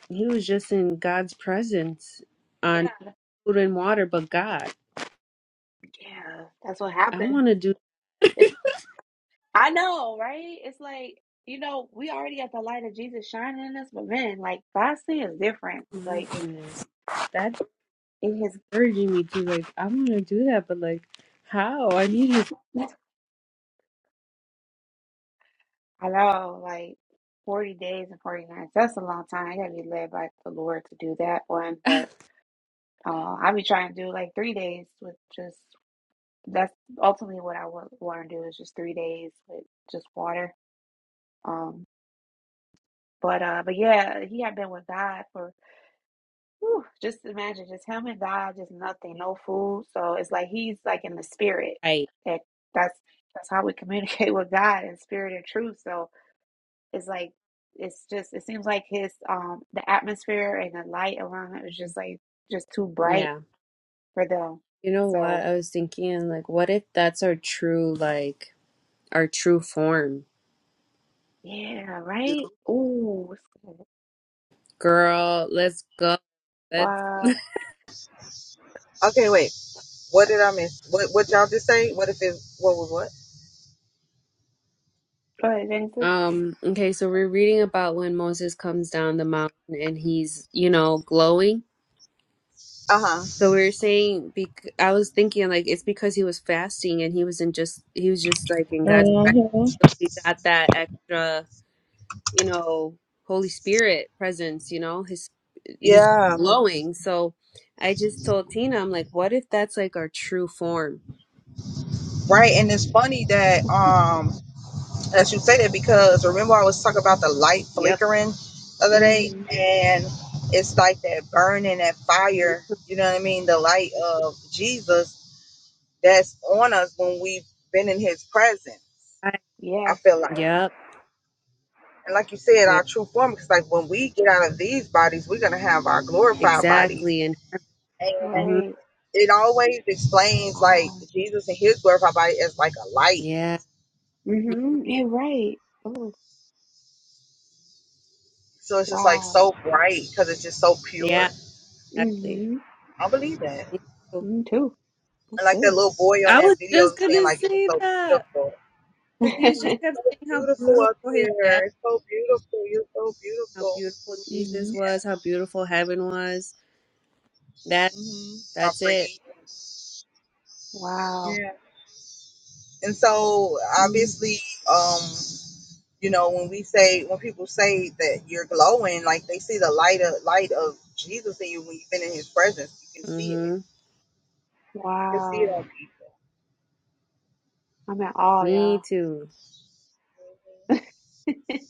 he was just in God's presence
Yeah.
on food and water, but God.
Yeah. That's what
I
happened
want to do.
It's. I know, right? It's like, you know, we already got the light of Jesus shining in us, but man, like God's sin is different.
My
Like
goodness. that
in his
encouraging me to like I want to do that, but like how? I need his
I know, like forty days and forty nights. That's a long time. I gotta be led by the Lord to do that one. But uh I be trying to do like three days with just that's ultimately what I want to do is just three days with just water. Um but uh but yeah, he had been with God for Whew, just imagine, just him and God, just nothing, no food. So it's like he's like in the spirit.
right.
That that's that's how we communicate with God in spirit and truth. So it's like it's just it seems like his um the atmosphere and the light around it was just like just too bright
Yeah.
for them.
You know what?
So
I was thinking like what if that's our true like our true form?
yeah,
You
right?
know?
Ooh, it's good.
Girl, let's go. Let's
wow.
Okay, wait. What did I miss? What what y'all just say? What if it what was what?
Go ahead, Jason.
um okay, so we're reading about when Moses comes down the mountain and he's, you know, glowing.
Uh huh.
So we were saying bec- I was thinking like it's because he was fasting and he wasn't just he was just like in God's presence.
hmm
So he got that extra you know, Holy Spirit presence, you know, his he's just
Yeah.
glowing. So I just told Tina, I'm like, what if that's like our true form?
Right.
Mm-hmm.
And it's funny that um that you say that because remember I was talking about the light
Yep.
flickering the other day
Mm-hmm.
and it's like that burning that fire, you know what I mean? The light of Jesus that's on us when we've been in his presence.
Right.
I
Yeah,
feel like.
Yep.
And like you said,
Yeah,
our true form, because like when we get out of these bodies, we're gonna have our glorified
exactly.
bodies.
And
And
hmm
right.
it always explains like
Wow.
Jesus and his glorified body as like a light.
yeah,
Mm-hmm. Yeah, right. Oh,
So it's just like
wow.
so bright because it's just so
yeah,
pure.
exactly.
Mm-hmm.
I believe that.
Beautiful.
Mm, two. That's
And like
good.
that little boy on
I was
that video
just
was saying
gonna
like it was
say
so
that
beautiful.
because he was just
Mm,
kept
so
saying how
beautiful up
beautiful his dad,
here. It's so beautiful. You're so
how
beautiful.
beautiful Jesus
hmm
Yeah.
was, how beautiful heaven was. That
hmm How
that's it.
pretty.
Wow.
Yeah. And so
Mm,
obviously, um, you know when we say when people say that you're glowing like they see the light of light of jesus in you when you've been in his presence you can see it
Mm-hmm.
you can see it
wow.
on people
I'm in awe,
Me
y'all.
too.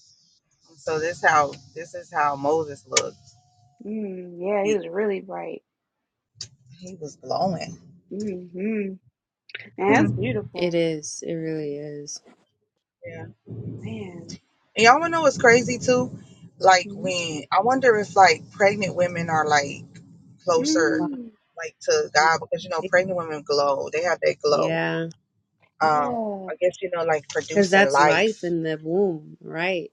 And so this how this is how moses looked
Mm, yeah, he
he
was really bright.
he was glowing
Mm-hmm. Man, That's
hmm.
It
beautiful.
is. It really is.
yeah
Man.
and y'all want to know what's crazy too like
hmm
when i wonder if like pregnant women are like closer
Wow.
Mm,
like to god because you know
okay.
pregnant women glow they have that glow
Yeah,
um
yeah.
i guess you know like
because
producing
that's life
life
in the womb, right?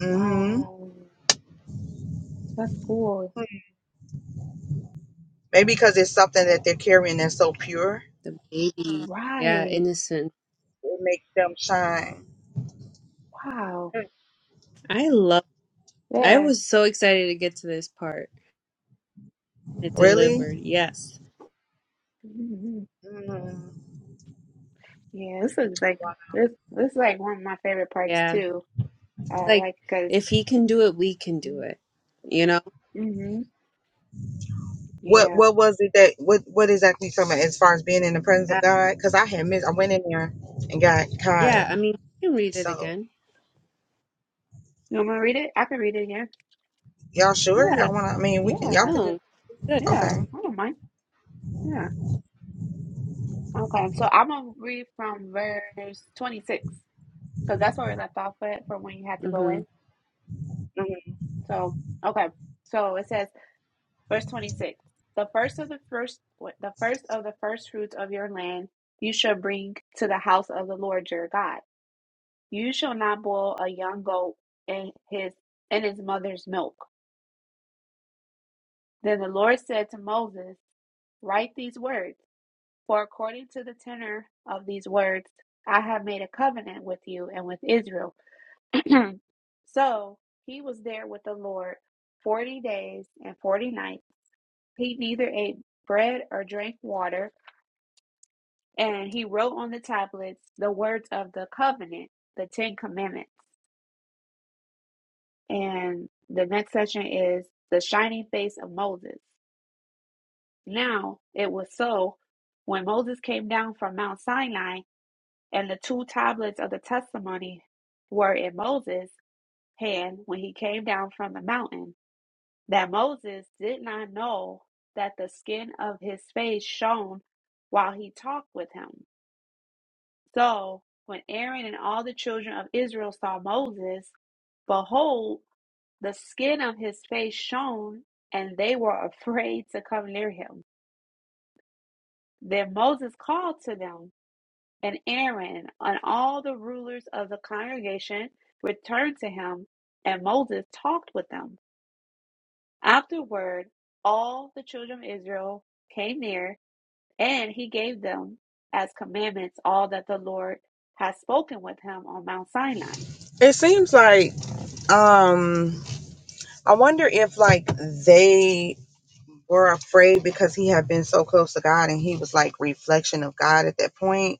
mm-hmm
Wow. That's cool.
Maybe because it's something that they're carrying that's so pure,
The baby. Yeah,
Right.
innocent.
it makes them shine.
Wow.
Hmm.
I love. I
Yeah.
was so excited to get to this part. It
Really?
delivered. Yes.
hmm
Mm.
Yeah, this looks like
Wow.
this this is like one of my favorite parts
Yeah.
too. Uh
Like
like because
if he can do it, we can do it. You know?
mm-hmm.
What
Yeah.
What was it that what What exactly you talking about as far as being in the presence of
Yeah.
God? Because I had missed. I went in there and got
Yeah.
Kai.
I mean, you can read it
So
again.
You want me to read it? I can read it again.
y'all sure
Yeah.
y'all want to? I mean, we can. Y'all
Yeah,
could
No.
just
Good.
yeah,
okay.
I don't mind. Yeah. Okay, so I'm gonna read from verse 26 because that's where we left off at for when you had to go
Mm-hmm.
in.
Mhm.
So, okay, so it says, verse 26: The first of the first, what- the first of the first fruits of your land, you shall bring to the house of the Lord your God. You shall not boil a young goat in his in his mother's milk. Then the Lord said to Moses, Write these words. For according to the tenor of these words, I have made a covenant with you and with Israel. so he was there with the Lord forty days and forty nights. He neither ate bread or drank water, and he wrote on the tablets the words of the covenant, the Ten Commandments. And the next section is the shining face of Moses. Now it was so when Moses came down from Mount Sinai And the two tablets of the testimony were in Moses' hand when he came down from the mountain, that Moses did not know that the skin of his face shone while he talked with him. So when Aaron and all the children of Israel saw Moses, behold, the skin of his face shone, and they were afraid to come near him. Then Moses called to them. And Aaron and all the rulers of the congregation returned to him, and Moses talked with them. Afterward, all the children of Israel came near, and he gave them as commandments all that the Lord had spoken with him on Mount Sinai.
It seems like um I wonder if like they were afraid because he had been so close to God and he was like reflection of God at that point.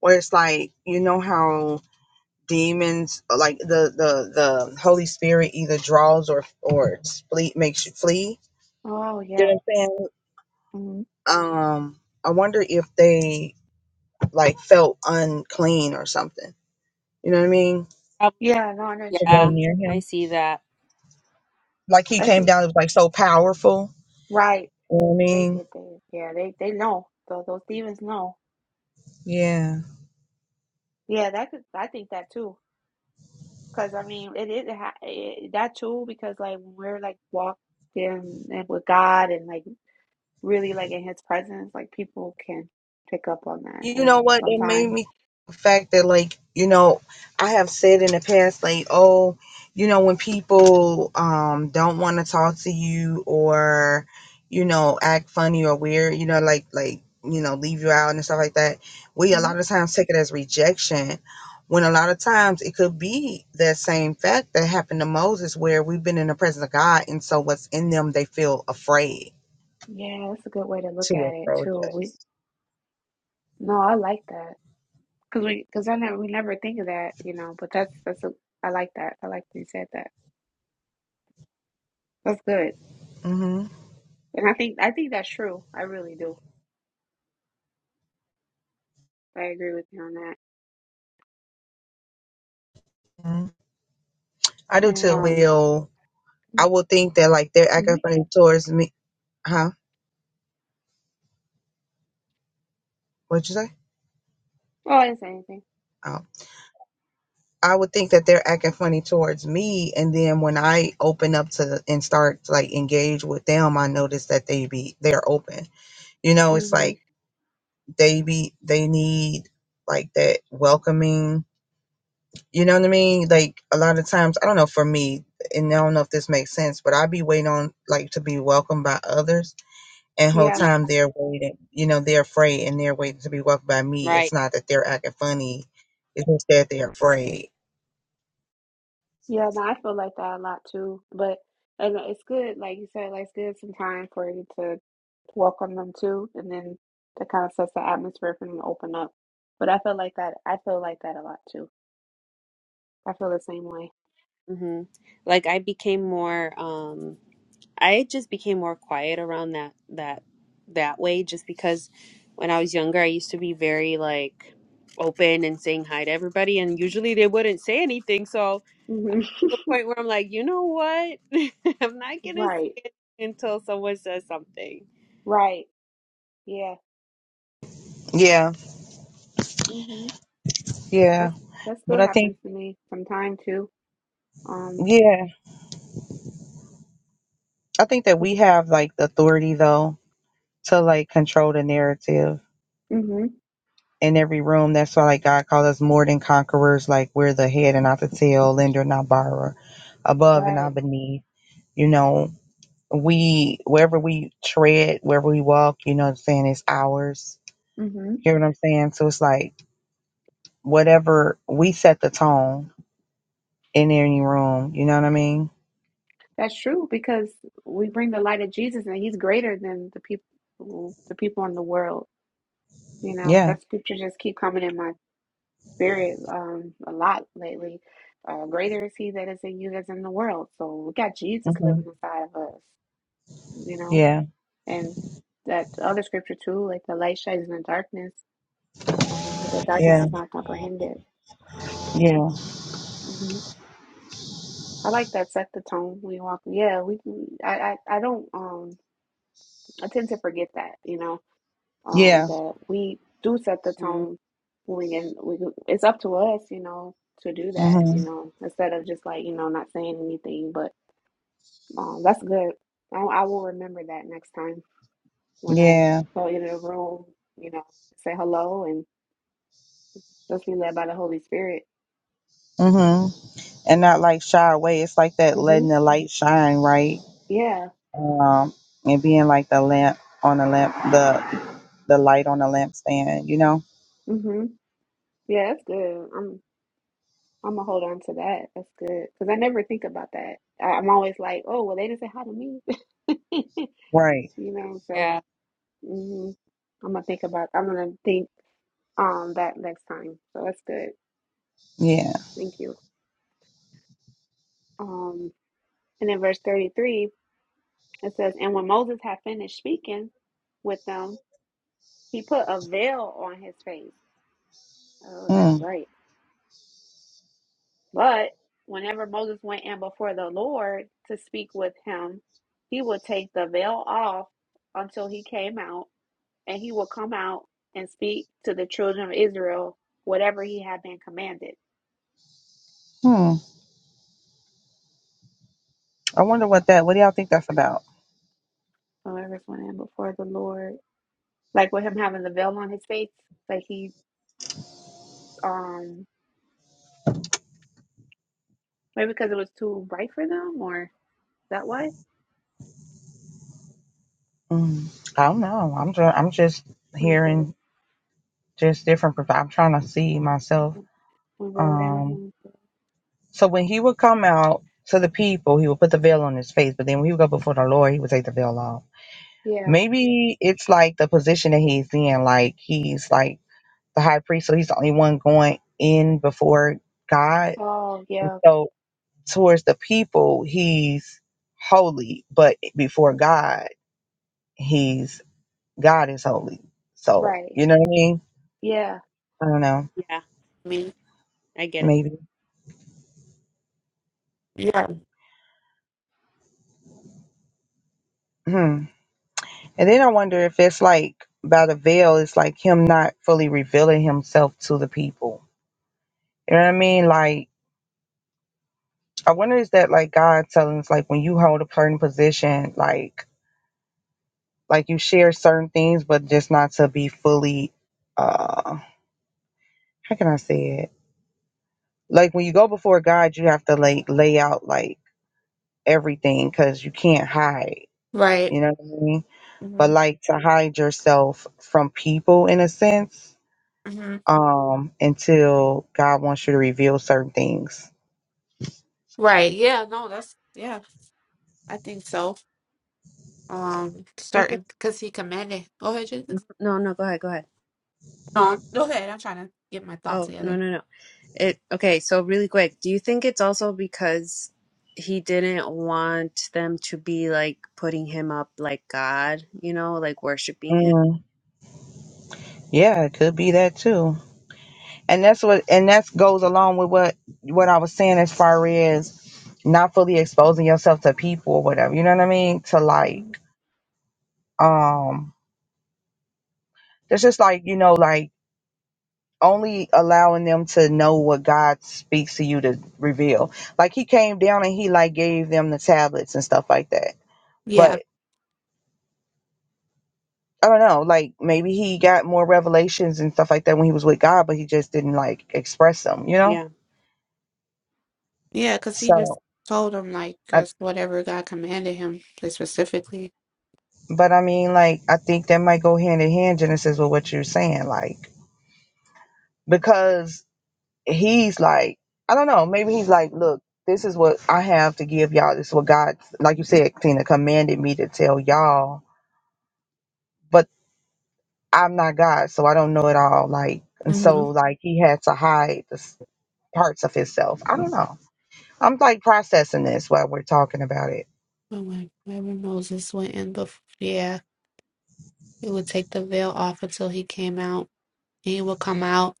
Where it's like, you know how demons uh, like the the the holy spirit either draws or or flee makes you flee
Oh,
you
yeah.
know what i'm saying
Mhm.
um i wonder if they like felt unclean or something you know what i mean
Yeah, no, I know what
to
you
go
Yeah.
mean.
near
I
him
see that.
like he
I
came
see.
down it was like so powerful
Right.
you know what i
Because they
mean
get there. Yeah, they, they know. Those, those demons know.
yeah
Yeah, that could, I think that too. Because I mean, it is it, ha- it, that too. Because like when we're like walking and with God and like really like in His presence, like people can pick up on that.
You know
And
what? It made
sometimes,
me the fact that like, you know, I have said in the past, like, oh, you know, when people um don't want to talk to you or, you know, act funny or weird, you know, like like, you know, leave you out and stuff like that, we a
Mhm.
lot of times take it as rejection. When a lot of times it could be that same fact that happened to Moses where we've been in the presence of God and so what's in them they feel afraid
yeah, that's a good way to look
to
at it
approach
too. We
us.
no, I like that because we because I never we never think of that, you know. But that's that's a I like that. I like that you said that. That's good.
hmm
And I think I think that's true. I really do. I agree with you on that.
I do
And
too.
um,
Will I would think that like they're
hmm
acting funny towards me. Huh? What'd you say?
oh, I didn't say anything.
Oh. I would think that they're acting funny towards me, and then when I open up to and start to, like engage with them, I notice that they be they're open. You know, it's
hmm
like they be they need like that welcoming. You know what I mean? Like a lot of times, I don't know for me, and I don't know if this makes sense, but I be waiting on like to be welcomed by others and whole
Yeah.
Yeah.
time they're waiting you know they're afraid and they're waiting to be welcomed by me it's
Right.
not that they're acting funny it's just that they're afraid
Yeah, no, I feel like that a lot too. But and it's good, like you said, like it's good sometimes for you to walk on them too, and then that kind of sets the atmosphere for them to open up. But I feel like that. I feel like that a lot too. I feel the same way.
Mm-hmm. Like I became more um I just became more quiet around that that that way just because when I was younger I used to be very like open and saying hi to everybody and usually they wouldn't say anything so I
hmm
the point where I'm like, you know what? I'm not gonna say
Right.
it until someone says something.
Right. Yeah.
Yeah,
hmm
yeah.
That's that
But
still
I think,
happens to me sometimes too. Um.
yeah, I think that we have like the authority though to like control the narrative
hmm
in every room. That's why like God called us more than conquerors. Like we're the head and not the tail, lender and not borrower, above and not
Right.
beneath. You know, we wherever we tread, wherever we walk, you know what I'm saying, it's ours.
hmm
You know what I'm saying? So it's like whatever we set the tone in any room. You know what I mean?
That's true because we bring the light of Jesus, and He's greater than the people, the people in the world. You know,
Yeah.
that scripture just keep coming in my spirit um a lot lately. Uh, greater is he that is in you that's in the world. So we got
hmm
Jesus living inside of us, you know.
Yeah.
And that other scripture too, like the light shines in the darkness, um, but the darkness
Yeah.
is not comprehended.
Yeah.
hmm I like that set the tone. We walk, yeah. We, I, I, I don't, um, I tend to forget that, you know. um,
Yeah.
that we do set the
hmm
tone when we can, we it's up to us, you know, to do that,
hmm
you know, instead of just like, you know, not saying anything, but um, that's good. I, I will remember that next time when I
Yeah.
go into the room, you know, say hello and just be led by the Holy Spirit.
hmm And not like shy away. It's like that
hmm
letting the light shine, right?
Yeah.
Um, and being like the lamp on the lamp, the the light on the lampstand. You know?
hmm Yeah, that's good. I'm, I'm gonna hold on to that. That's good. Cause I never think about that. I, I'm always like, oh, well, they didn't say hi to me.
Right.
you know, so
Yeah,
hmm I'm gonna think about. I'm gonna think um that next time. So that's good.
Yeah.
Thank you. Um, and in verse 33 it says, "And when Moses had finished speaking with them, he put a veil on his face." Oh, that's
Mm.
right. But whenever Moses went in before the Lord to speak with him, he would take the veil off until he came out, and he would come out and speak to the children of Israel whatever he had been commanded.
Hmm. I wonder what that. What do y'all think that's about?
However, when I am before the Lord, like with him having the veil on his face, like he, um, maybe because it was too bright for them, or is that why? I'm
Mm. I don't know. I'm just. I'm just
gonna say,
hearing just different. perf- I'm trying to see myself
I'm gonna go with
Um,
that.
so when he would come out to the people, he would put the veil on his face, but then when he would go before the Lord, he would take the veil off.
Yeah.
Maybe it's like the position that he's in, like he's like the high priest, so he's the only one going in before God.
Oh,
And
yeah.
so towards the people, he's holy, but before God, he's God is holy. So
Right.
you know what I mean?
Yeah.
I don't know.
yeah,
Me.
I get it.
Maybe.
Yeah.
Hmm. And then I wonder if it's like by the veil, it's like him not fully revealing himself to the people. You know what I mean? Like I wonder is that like God telling us like when you hold a certain position, like like you share certain things, but just not to be fully uh how can I say it? Like when you go before God, you have to like lay out like everything because you can't hide.
Right.
You know what I mean? But
hmm
like to hide yourself from people in a sense
hmm
um, until God wants you to reveal certain things.
Right. Yeah. No, that's, yeah, I think so. Um,
Thank you.
starting because he commanded. Go ahead, Jesus.
No, no, go ahead, go ahead.
No, go ahead. I'm trying to get my thought
Oh, no,
together.
no, no. It okay, so really quick, do you think it's also because he didn't want them to be like putting him up like God, you know, like worshiping him?
Mm, yeah, it could be that too. And that's what, and that goes along with what what I was saying as far as not fully exposing yourself to people or whatever. You know what I mean? To
Mhm.
like, um, it's just like you know, like only allowing them to know what God speaks to you to reveal. Like He came down and He like gave them the tablets and stuff like that.
Yeah.
but. I don't know, like maybe he got more revelations and stuff like that when he was with God, but he just didn't like express them, you know?
Yeah,
Yeah, because he just
So,
told him, like,
I,
as whatever God commanded him like, specifically.
but I mean, like, I think that might go hand in hand, Genesis, with what you're saying, like, because he's like, I don't know, maybe he's like, look, this is what I have to give y'all. This is what God, like you said, Tina, commanded me to tell y'all, but I'm not God, so I don't know it all. Like, and
hmm
so, like, he had to hide the s- parts of himself. I don't know. I'm like processing this while we're talking about it.
But when, whenever Moses went in, before, yeah, he would take the veil off until he came out. And he would come out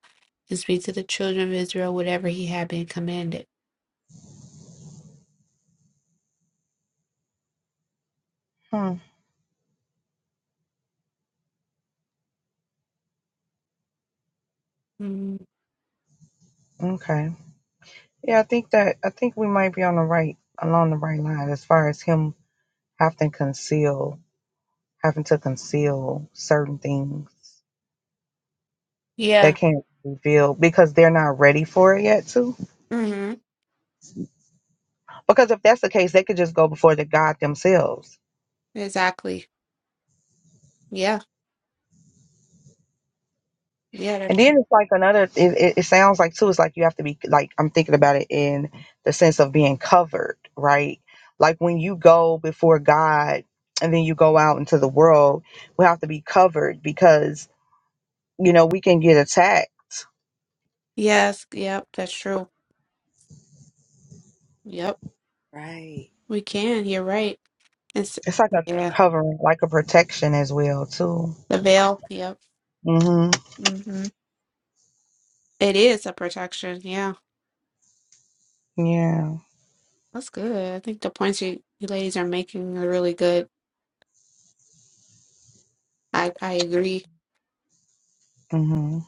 and speak to the children of Israel, whatever he had been commanded.
Hmm.
hmm
Okay. Yeah, I think that I think we might be on the right along the right line as far as him having to conceal having to conceal certain things that
Yeah.
can't reveal because they're not ready for it yet too.
hmm
Because if that's the case, they could just go before the God themselves.
Exactly. Yeah. Yeah, that's
And
true.
then it's like another. It, it, it sounds like too. It's like you have to be like I'm thinking about it in the sense of being covered, right? Like when you go before God and then you go out into the world, we have to be covered because you know we can get attacked.
Yes. Yep. That's true. Yep.
right.
We can. You're right. It's,
It's like a
yeah.
covering, like a protection as well too.
The veil. Yep.
hmm
hmm It is a protection. Yeah.
Yeah.
That's good. I think the points you, you ladies are making are really good. I, I agree.
Mm-hmm.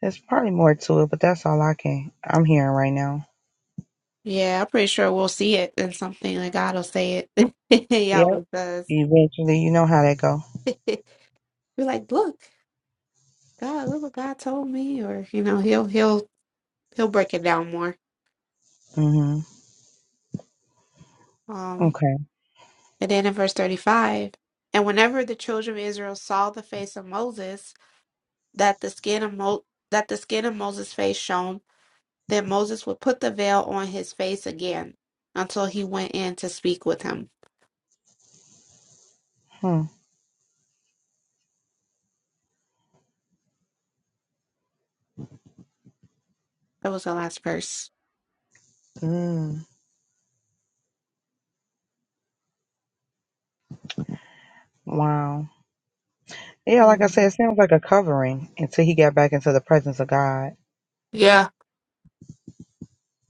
There's probably more to it, but that's all I can. I'm hearing right now.
Yeah, I'm pretty sure we'll see it in something. Like God will say it. He
Yeah.
always does.
Eventually, you know how that go.
We're like, look, God, look what God told me, or you know, he'll he'll he'll break it down more.
Mm-hmm.
Um,
Okay.
and then in verse 35, and whenever the children of Israel saw the face of Moses, that the skin of Mo that the skin of Moses' face shone, then Moses would put the veil on his face again until he went in to speak with him.
Hmm.
That was the last verse.
Mm. Wow. Yeah, like I said,
Mm.
it sounds like a covering until he got back into the presence of God.
Yeah.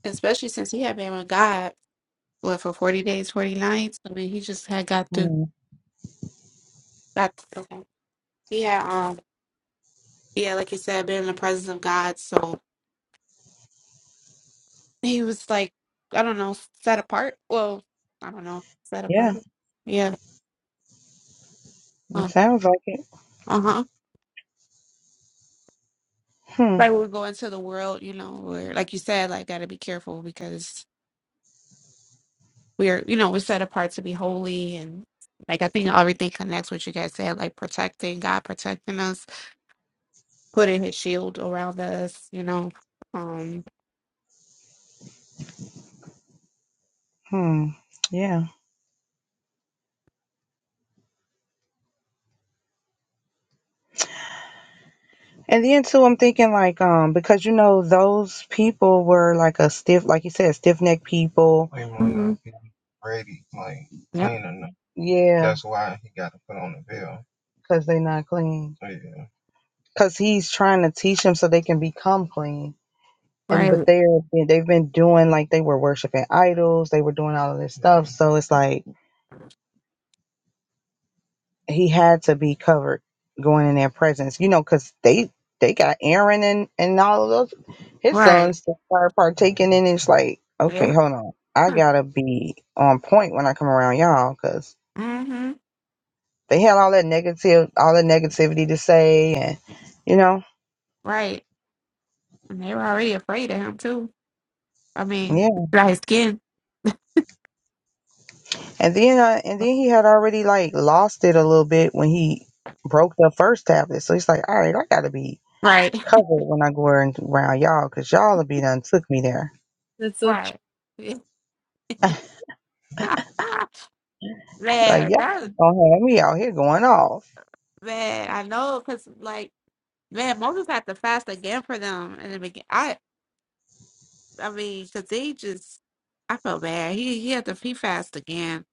Especially since he had been with God, what, for 40 days, 40 nights? I mean, he just had got through.
Hmm.
Got, okay. He had, um, yeah, like you said, been in the presence of God. So he was like, I don't know, set apart. Well, I don't know, set apart.
Yeah,
Yeah.
it
Um,
sounds like it.
uh huh.
Hmm.
Like we're going to the world, you know, where, like you said, like, got to be careful because we are, you know, we're set apart to be holy and like I think everything connects what you guys said, like protecting God protecting us, putting his shield around us, you know. Um
Hmm. Yeah. And then too, I'm thinking like, um, because you know those people were like a stiff, like you said, stiff necked people. They might
mhm,
not be ready, like
Yep.
clean enough. Yeah, That's why he got to put on the veil. because they not clean. Yeah. Because he's trying to teach them so they can become clean. and but
Right.
they're they've been doing like they were worshiping idols they were doing all of this stuff so it's like he had to be covered going in their presence you know because they they got aaron and and all of those his
Right.
sons to start partaking in it's like okay
Yeah.
hold on i
huh,
gotta be on point when i come around y'all because
Mm-hmm.
they had all that negative all the negativity to say and you know
Right. And they were already afraid of him too. I mean,
yeah.
dry skin.
And then I, and then he had already like lost it a little bit when he broke the first tablet. So he's like, all right, I gotta be
Right.
covered when I go around around y'all, cause y'all will be done took me there.
That's so true.
Right. Yeah.
Like
man,
y'all
that
don't have me out here going off.
man, I know because like man, Moses had to fast again for them and the begin. I I mean, because they just, I felt bad. He he had to he fast again.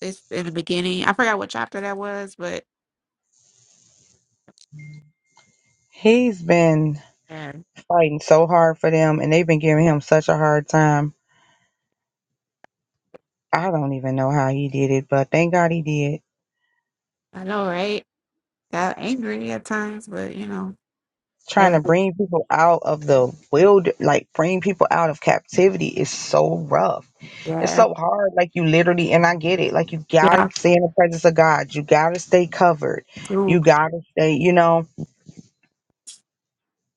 It's in the beginning. I forgot what chapter that was, but
He's been
yeah,
fighting so hard for them, and they've been giving him such a hard time. I don't even know how he did it, but thank God he did.
I know, right? Got angry at times, but you know,
Trying to
hey,
bring people out of the wild, like bring people out of captivity, is so rough It's
yeah,
so hard. Like you literally, and I get it. Like you gotta
yeah,
stay in the presence of God. You gotta stay covered.
true.
You gotta stay, you know,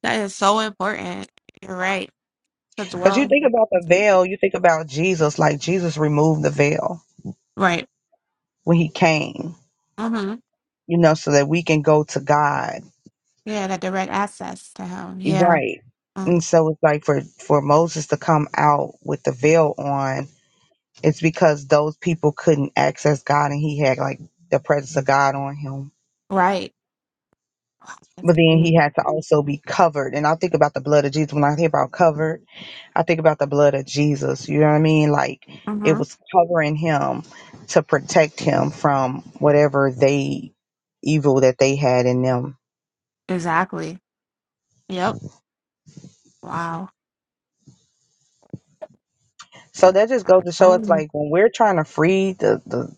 That is so important. You're right. To
because you
dwell,
think about the veil. You think about Jesus. Like Jesus removed the veil
right?
when he came,
Mm-hmm.
you know, so that we can go to God.
Yeah, that direct access to him. Yeah,
Right.
mm,
And so it's like for for Moses to come out with the veil on, it's because those people couldn't access God, and he had like the presence of God on him.
right. That's
But then he
crazy.
had to also be covered. And I think about the blood of Jesus. When I hear about covered, I think about the blood of Jesus. You know what I mean? Like it
Mm-hmm.
was covering him to protect him from whatever they evil that they had in them.
Exactly. Yep. Wow.
So that just goes to show us
Oh,
like when we're trying to free the, the,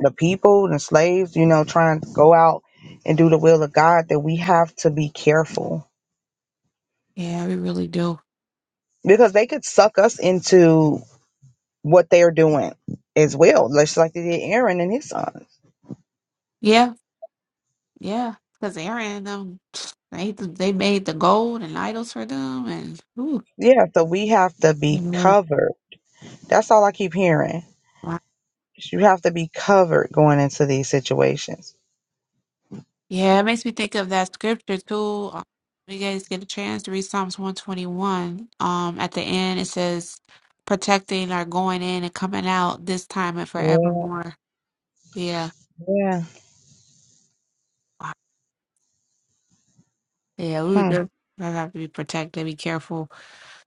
the people, the slaves, you know, trying to go out and do the will of God, that we have to be careful.
yeah, we really do.
Because they could suck us into what they're doing as well, just like they did Aaron and his son.
Yeah, Yeah, because Aaron and them they they made the gold and idols for them, and ooh,
Yeah, so we have to
they
be
were-
covered. That's all I keep hearing.
wow.
You have to be covered going into these situations.
yeah, it makes me think of that scripture too. Um, You guys get a chance to read Psalms one twenty one. Um, at the end it says, "Protecting our going in and coming out this time and
Yeah,
forevermore." Yeah,
yeah.
Wow. yeah, we would
Hmm,
just I have to be protected, be careful.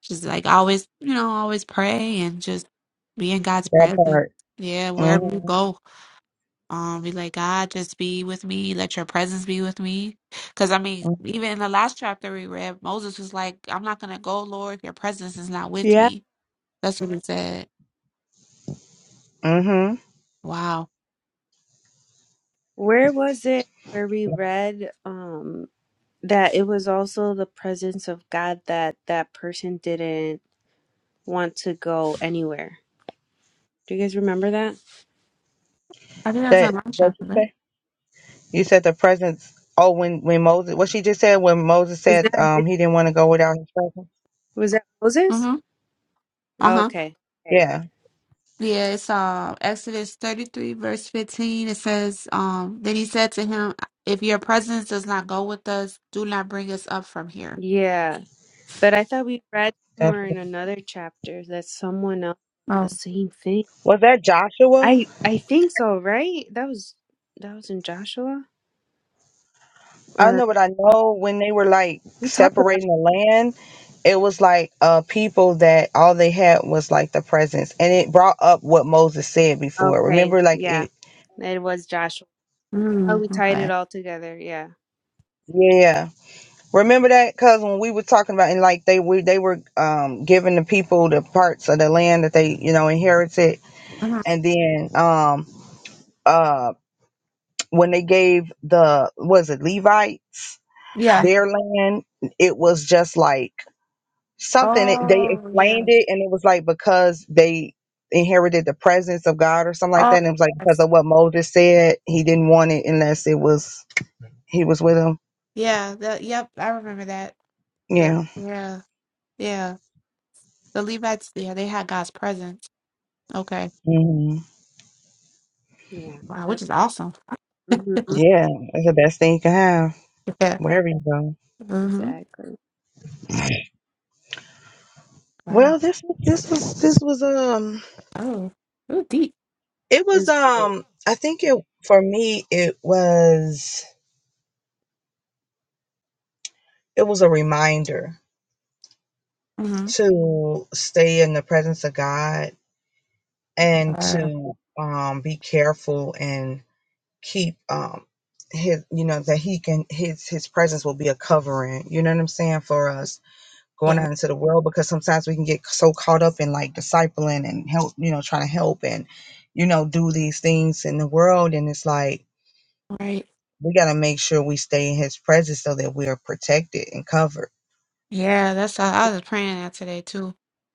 Just like always, you know, always pray and just be in God's
that
presence.
part.
Yeah, wherever you
Mm-hmm.
go. Um, be like, God, just be with me. Let your presence be with me. Because, I mean,
Mm-hmm.
even in the last chapter we read, Moses was like, I'm not going to go, Lord, if your presence is not with
Yeah.
me. That's what he said.
mm-hmm.
Wow.
Where was it where we read um that it was also the presence of God that that person didn't want to go anywhere? Do you guys remember that?
I think that's in the
That
last
what
chapter,
you
right?
say? You said the presence. Oh, when when Moses, what she just said, when Moses
Was
said
that
um he didn't want to go without his presence.
was that Moses?
Mm-hmm. Uh-huh.
Okay. Okay.
Yeah.
Yeah, it's uh, Exodus 33, verse 15. It says, um, Then he said to him, If your presence does not go with us, do not bring us up from here.
Yeah. But I thought we read
That's,
somewhere in another chapter that someone else did the
Oh,
same thing.
was that Joshua?
I I think so, right? That was that was in Joshua,
I don't
or
know, but I know when they were like
we talked about. It.
separating the land, it was like uh people that all they had was like the presence, and it brought up what Moses said before.
Okay,
Remember, like
yeah,
it,
it was Joshua. Oh,
mm,
we tied it
okay.
all together. Yeah,
yeah. Remember that, cause when we were talking about and like they we they were um giving the people the parts of the land that they you know inherited,
Mhm.
and then um uh when they gave the was it Levites
Yeah.
their land, it was just like something it- they
Oh,
explained
yeah.
it and it was like because they inherited the presence of God or something like that
Oh,
and it was like
yes.
because of what Moses said he didn't want it unless it was he was with him
Yeah, the yep, I remember that. The
yeah
yeah, yeah. The Levites, yeah, they had God's presence. Okay.
hmm
yeah,
Wow, which is awesome.
mm-hmm.
yeah that's the best thing you can have
Yeah.
wherever you go
Mm-hmm.
exactly.
Wow.
well this this was this was um
Oh. Ooh, deep.
it
It
was
was great.
um I think it for me it was it was a reminder
Mm-hmm.
to stay in the presence of God and
Uh,
to um be careful and keep um his you know that he can his his presence will be a covering you know what i'm saying for us going
yeah.
out into the world because sometimes we can get so caught up in like discipling and help you know trying to help and you know do these things in the world and it's like
Right.
we got to make sure we stay in his presence so that we are protected and covered
Yeah, that's I I was praying that today too.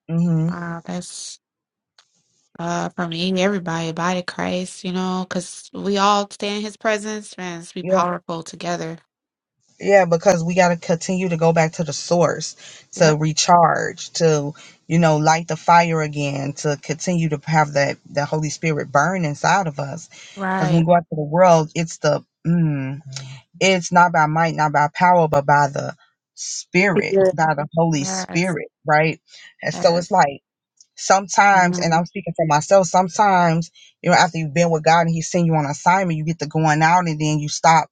hmm
Wow, that's uh for me, everybody, body of Christ, you know, because we all stay in his presence and be powerful together.
Yeah, because we got to continue to go back to the source, to
Yep.
recharge, to you know light the fire again, to continue to have that the Holy Spirit burn inside of us. Because when
Right.
we go out to the world, it's the mm, it's not by might, not by power, but by the
Be
Spirit,
good.
by the Holy
Yes.
Spirit, right? And so it's
Yes.
like sometimes, and
Mhm.
I'm speaking for myself. Sometimes you know after you've been with God and He's sent you on assignment, you get to going out and then you stop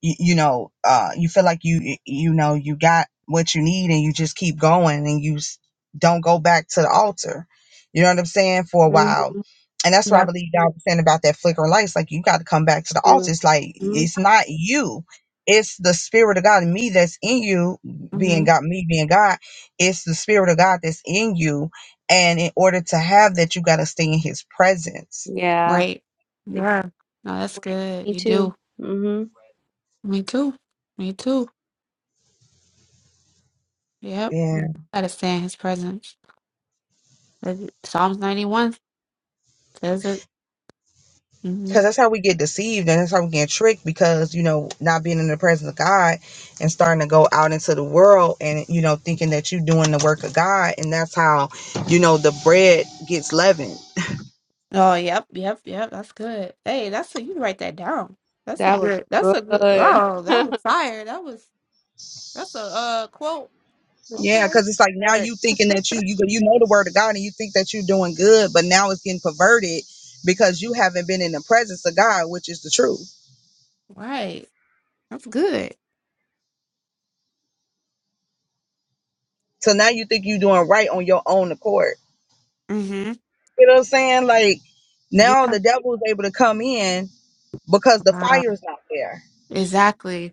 you, you know uh you feel like you you know you got what you need and you just keep going and you s- don't go back to the altar you know what i'm saying for a
hmm
while and that's what i
Yep.
believe y'all was saying about that flickering lights like you got to come back to the altar
Too.
it's like
hmm
it's not you it's the spirit of god in me that's in you
mm-hmm.
being god me being god it's the spirit of god that's in you and in order to have that you got to stay in his presence
Yeah.
Right.
Yeah.
Yeah. No, that's good.
Me
You do.
too. hmm
Me too. Me too. Yep.
Yeah.
Gotta stay in his presence. Is it- Psalms 91 says it. hmm
because that's how we get deceived and that's how we get tricked because you know not being in the presence of god and starting to go out into the world and you know thinking that you're doing the work of god and that's how you know the bread gets leavened
Oh, yep. Yep. Yep. That's good. Hey, that's a, you write that down. That's a
That was
good, that's a good,
good.
oh, that was fire. That was, that's a uh, quote.
With the
yeah
Okay.
because it's like now
shirt.
you thinking that you you you know the word of god and you think that you're doing good but now it's getting perverted because you haven't been in the presence of god which is the truth
Right. That's good.
so now you think you're doing right on your own accord
hmm
you know what i'm saying like
Yeah.
now the devil is able to come in because the
Wow.
fire is not there
Exactly.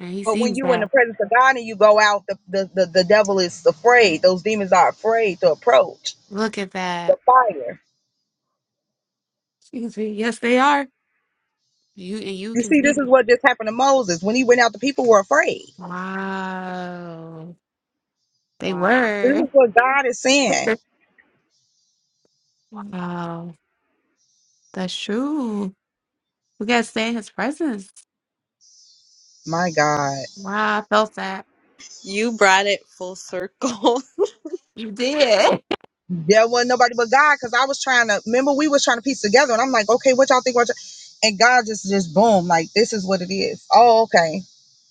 And he
But when
sees
you in the
that.
presence of God and you go out, the, the, the, the devil is afraid. Those demons are afraid to approach
Look at
the
that.
fire.
Excuse me. Yes, they are. You and you
You
can
see, this
see.
is what just happened to Moses. When he went out, the people were afraid.
Wow. They
Wow.
This
were.
is what God is saying.
Wow. That's true. We got to stay in his presence.
My God.
Wow. I felt that.
You brought it full circle.
You did.
There wasn't nobody but God because I was trying to remember we was trying to piece together and I'm like, okay, what y'all think? What y'all-" and God just just boom, like this is what it is. Oh, okay.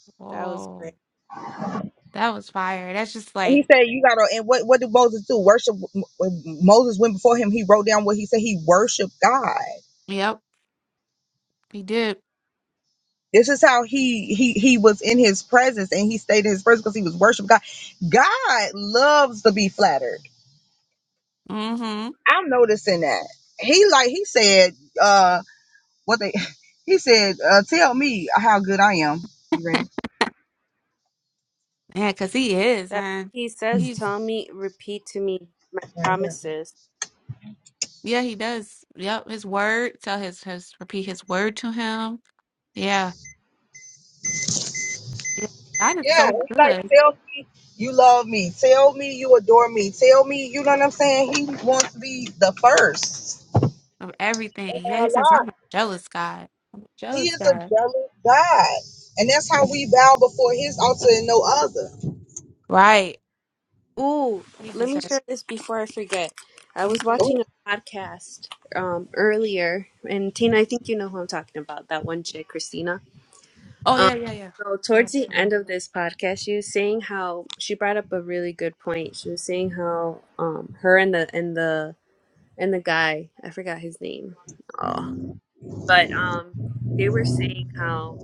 That was great.
Whoa. That was fire. That's just
And he
like,
said, you gotta. And what what did Moses do? Worship. When Moses went before him. He wrote down what he said. He worshipped God
yep, he did.
This is how he he he was in his presence and he stayed in his presence because he was worshiping God. God loves to be flattered.
Mm-hmm.
I'm noticing that. He like he said, uh what they he said, uh tell me how good I am. You ready?
Yeah, because he is,
That
man.
he says,
He's,
tell me, repeat to me my
Right here.
promises.
yeah, he does. Yep. His word. Tell his, his, repeat his word to him. Yeah. Yeah. God is
Yeah,
so
it's like
good
tell me you love me, tell me you adore me, tell me you know what I'm saying. He wants to be the first
of
in
everything. Yeah.
our
He says, I'm
life.
a jealous God. I'm a
He
jealous
is a
God.
jealous God, and that's how we bow before His altar and no other.
Right.
Ooh,
We
let me
deserve.
share this before I forget. I
Mhm.
was watching a podcast um earlier, and Tina, I think you know who I'm talking about. That one chick, Christina.
Oh
Um,
yeah, yeah, yeah,
so
yeah,
towards the end
mhm.
of this podcast, she was saying how she brought up a really good point. She was saying how um her and the and the and the guy, I forgot his name. Oh, but um they were saying how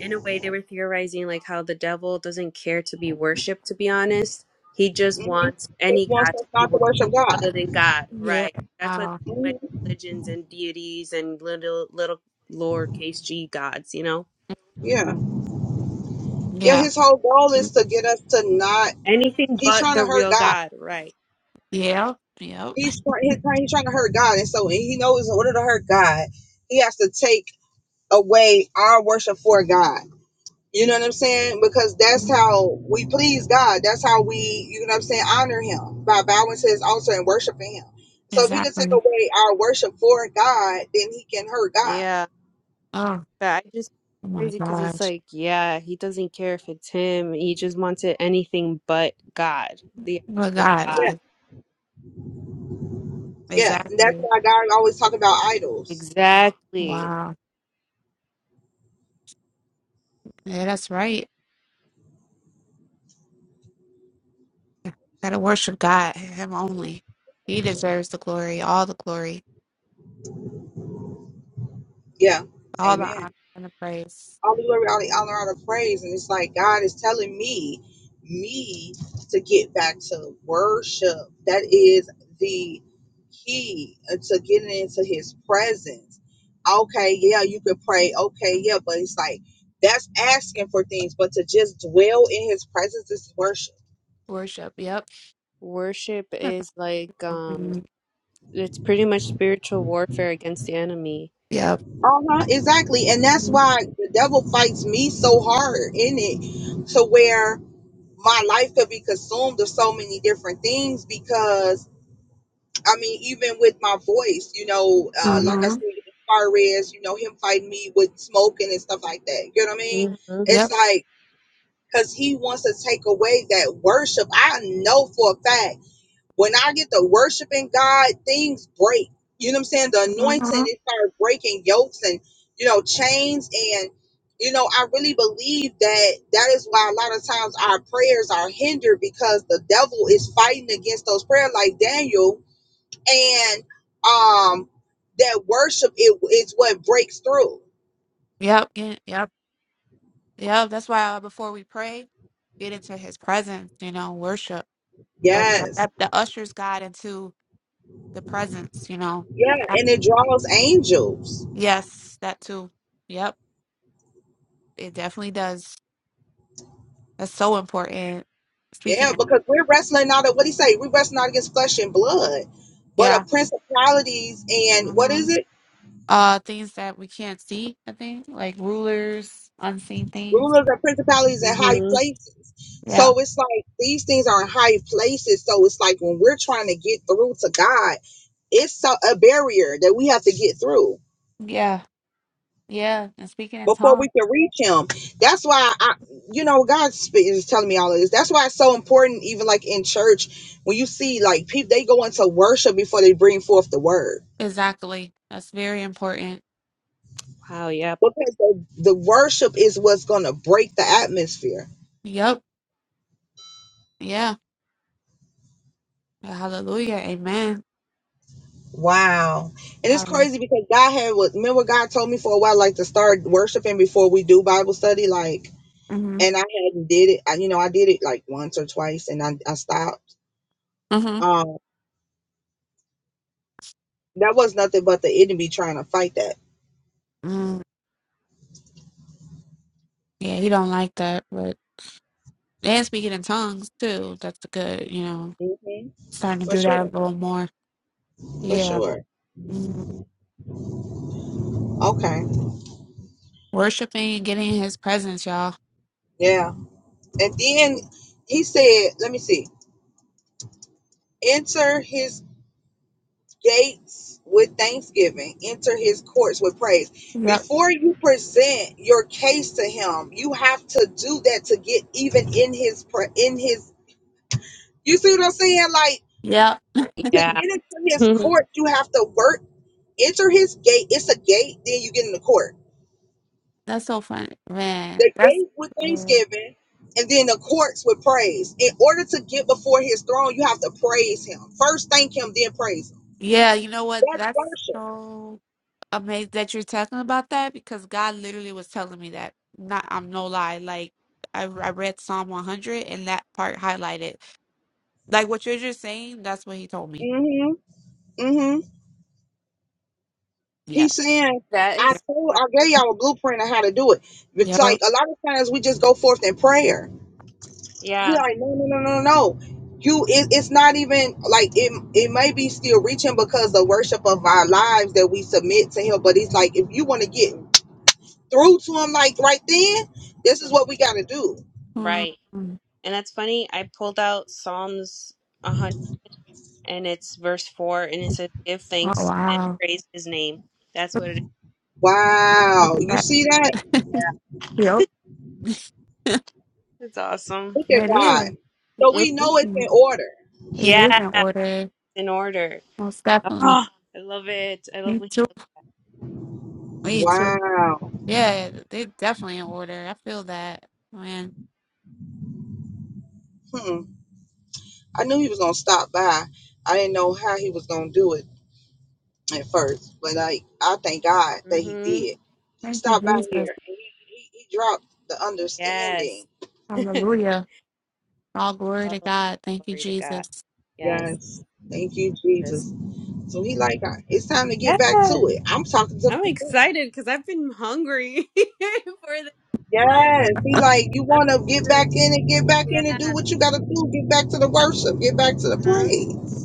in a way they were theorizing like how the devil doesn't care to be worshipped to be honest he just
Mhm.
wants
He
any
wants
god
us
to be
not to
worshipped
worship
other
God.
than god
yeah.
right that's why there's
Wow.
so many
Mhm.
religions and deities and little little lowercase g gods you know
Yeah, yeah.
Yeah.
His whole goal
Mm,
is to get us to not.
anything
He's
but
trying
the
to hurt
real
God.
god right
Yep. Yep.
He's try- he's trying, he's trying to hurt God, and so and he knows in order to hurt God, he has to take away our worship for God. You know what I'm saying? Because that's
Mhm.
how we please God. That's how we, you know what I'm saying, honor Him by bowing to His altar and worshiping Him. So if He can take
Exactly.
away our worship for God, then He can hurt God.
yeah
Oh,
but i just
oh my
crazy because it's
gosh.
like yeah he doesn't care if it's him he just wants it anything but god the
Oh my
actual
God.
Yeah,
god
E-
yeah. And that's
Exactly.
why God always talk about idols
exactly
Wow. Yeah, that's right. Gotta worship God, Him only. He deserves the glory, all the glory,
Yeah.
all the honor
Amen.
and the praise.
All the glory, all the honor, all the praise. And it's like God is telling me, me to get back to worship. That is the key uh, to getting into his presence. Okay, yeah, you could pray. Okay, yeah, but it's like that's asking for things, but to just dwell in his presence is worship.
Worship. Yep.
worship is like um
Mhm.
it's pretty much spiritual warfare against the enemy.
Yep.
Uh-huh. Exactly. And that's
Mm-hmm.
why the devil fights me so hard in it to where my life could be consumed of so many different things because I mean, even with my voice, you know, uh, like I
Mm-hmm.
said, as far as you know, him fighting me with smoking and stuff like that. You know what I mean?
hmm
It's
Yep.
like because he wants to take away that worship. I know for a fact. When I get to worshiping God, things break. You know what I'm saying? The anointing,
Mm-hmm.
it starts breaking yokes and, you know, chains. And, you know, I really believe that that is why a lot of times our prayers are hindered because the devil is fighting against those prayers like Daniel. And um that worship it is what breaks through.
Yep. Yep. Yep. Yeah, that's why uh, before we pray, get into his presence, you know, worship. The, the,
Yes.
that- the usher's guide into the presence, you know.
Yeah.
That-
And it draws angels.
Yes, that too. Yep, it definitely does. That's so important. Speaking
Yeah,
of,
because we're wrestling out of what he say, we're wrestling not against flesh and blood, but
yeah.
of principalities and what
hmm
is it?
Uh, things that we can't see, I think, like rulers, unseen things.
Rulers and principalities in high
hmm
places.
Yeah,
So it's like these things are in high places. So it's like when we're trying to get through to God, it's so, a barrier that we have to get through
yeah, yeah. And speaking in
before we
tongues.
can reach him. That's why I, you know, God sp- is telling me all of this. That's why it's so important, even like in church, when you see like people, they go into worship before they bring forth the word
Exactly. That's very important.
Wow. Yep.
because the, the worship is what's gonna break the atmosphere.
Yep. Yeah. Hallelujah. Amen.
Wow, and it's
Um,
crazy because God had what remember God told me for a while like to start worshiping before we do Bible study, like,
mhm.
and I hadn't did it. I, you know, I did it like once or twice, and I, I stopped.
hmm
Um, that was nothing but the enemy trying to fight that.
Mm, yeah, he don't like that, but and speaking in tongues too. That's a good, you know,
hmm
starting to
For
do that a
sure,
little more.
for
Yeah,
sure.
mm
Okay,
worshiping and getting in His presence, y'all.
yeah, and then he said, "Let me see." Enter his gates with thanksgiving, enter his courts with praise.
Yep,
Before you present your case to him, you have to do that to get even in his pre- in his you see what I'm saying? Like
yep.
to get
Yeah.
into his
that
court, you have to work, enter his gate. It's a gate, then you get in the court.
That's so fun, man.
The
That's
gate with
yeah.
thanksgiving and then the courts with praise. In order to get before his throne, you have to praise him. First thank him, then praise him.
Yeah, You know what?
That's
That's
worship.
so amazing that you're talking about that because God literally was telling me that. Not, I'm no lie. Like I, I read Psalm 100 and that part highlighted. Like what you're just saying. That's what He told me.
Mm-hmm. Mm-hmm.
Yeah.
He's saying, I
is.
told, I gave y'all a blueprint on how to do it. It's
Yeah.
Yep.
like a lot of times we just go forth in prayer. He's
yeah,
like, no, no, no, no, no. You, it, it's not even like it. It may be still reaching because the worship of our lives that we submit to Him. But it's like if you want to get through to Him, like right then, this is what we got to do.
Mm.
Right.
Mm.
And that's funny. I pulled out Psalms 100, and it's verse four, and it says, "Give
Oh
thanks and
wow!
praise His name." That's
Look,
what it is.
look
Wow, you
at
see that?
that. Yep,
It's awesome.
Look at
it is.
God. So
Mm.
we know it's in
Mhm.
order.
It is
Yeah.
in order,
In order.
most definitely.
Oh, I love it. I love.
Me too. Me too.
Wow.
Yeah, they definitely in order. I feel that, man.
Hmm. I knew He was gonna stop by. I didn't know how He was gonna do it. at first, but like I thank God that he
Mm-hmm.
did. He
Thank you,
stopped by here
Jesus.
and he, he, he dropped the
Yes.
understanding.
Hallelujah. All glory
Oh,
to God. Thank you,
glory to God.
Jesus.
Yes.
Yes, thank you,
This.
Jesus. So he like I- it's time to get back
Yes.
to it. I'm talking to
I'm
myself.
excited because I've been hungry for the end.
Yes, he like you
I'm-
want to get back in and get back in
Yeah.
and do what you got to do. Get back to the worship. Get back to the
Huh?
praise.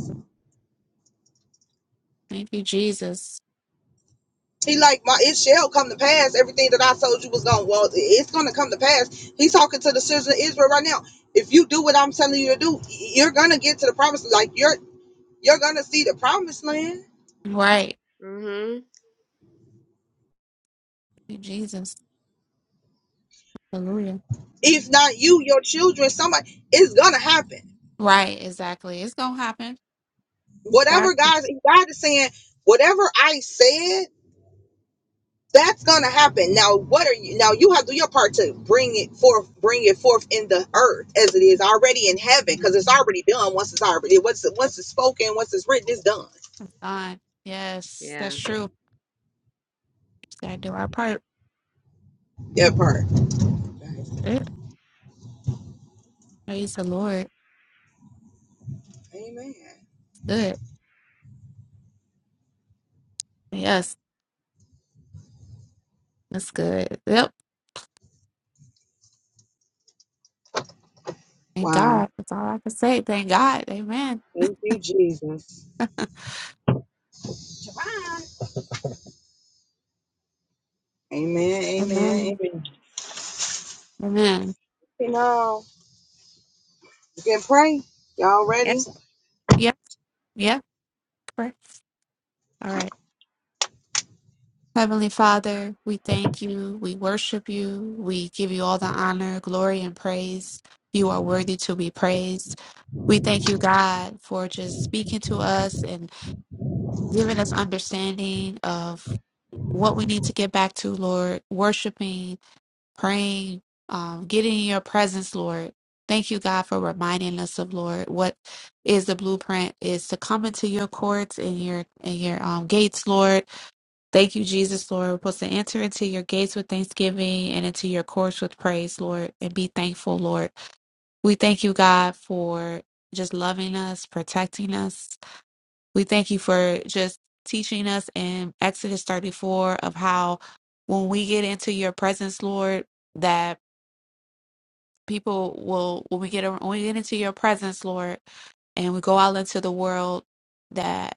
Thank you, Jesus.
He like my it shall come to pass everything that I told you was going. Well, it's gonna come to pass. He's talking to the citizens of Israel right now. If you do what I'm telling you to do, you're gonna get to the promised. Like you're you're gonna see the promised land.
Right.
hmm
Thank you, Jesus. Hallelujah.
If not you, your children, somebody, it's gonna happen.
Right. Exactly. It's gonna happen. That's
Whatever God's God is saying, whatever I said that's gonna happen now what are you now you have to do your part to bring it forth bring it forth in the earth as it is already in heaven
hmm
because it's already done once it's already once, once it's spoken once it's written it's done
done. Yes, that's
Yeah.
true. Just gotta do our part.
that part Guys,
Yeah. Praise the Lord.
amen
Good. Yes, that's good. Yep. Thank
wow
God. That's all I can say. Thank God. Amen.
thank you jesus Shabbat. amen amen
Amen.
amen
Amen.
you know you can pray y'all
Yeah.
ready
Yep. Yep. Correct. All right. Heavenly Father, we thank you. We worship you. We give you all the honor, glory, and praise. You are worthy to be praised. We thank you, God, for just speaking to us and giving us understanding of what we need to get back to, Lord, worshiping praying, um, getting in your presence, Lord. Thank you, God, for reminding us of Lord what is the blueprint is to come into your courts and your and your um, gates, Lord. Thank you, Jesus, Lord. We're supposed to enter into your gates with thanksgiving and into your courts with praise, Lord, and be thankful, Lord. We thank you, God, for just loving us, protecting us. We thank you for just teaching us in Exodus 34 of how when we get into your presence, Lord, that People will when we get when we get into your presence, Lord, and we go out into the world that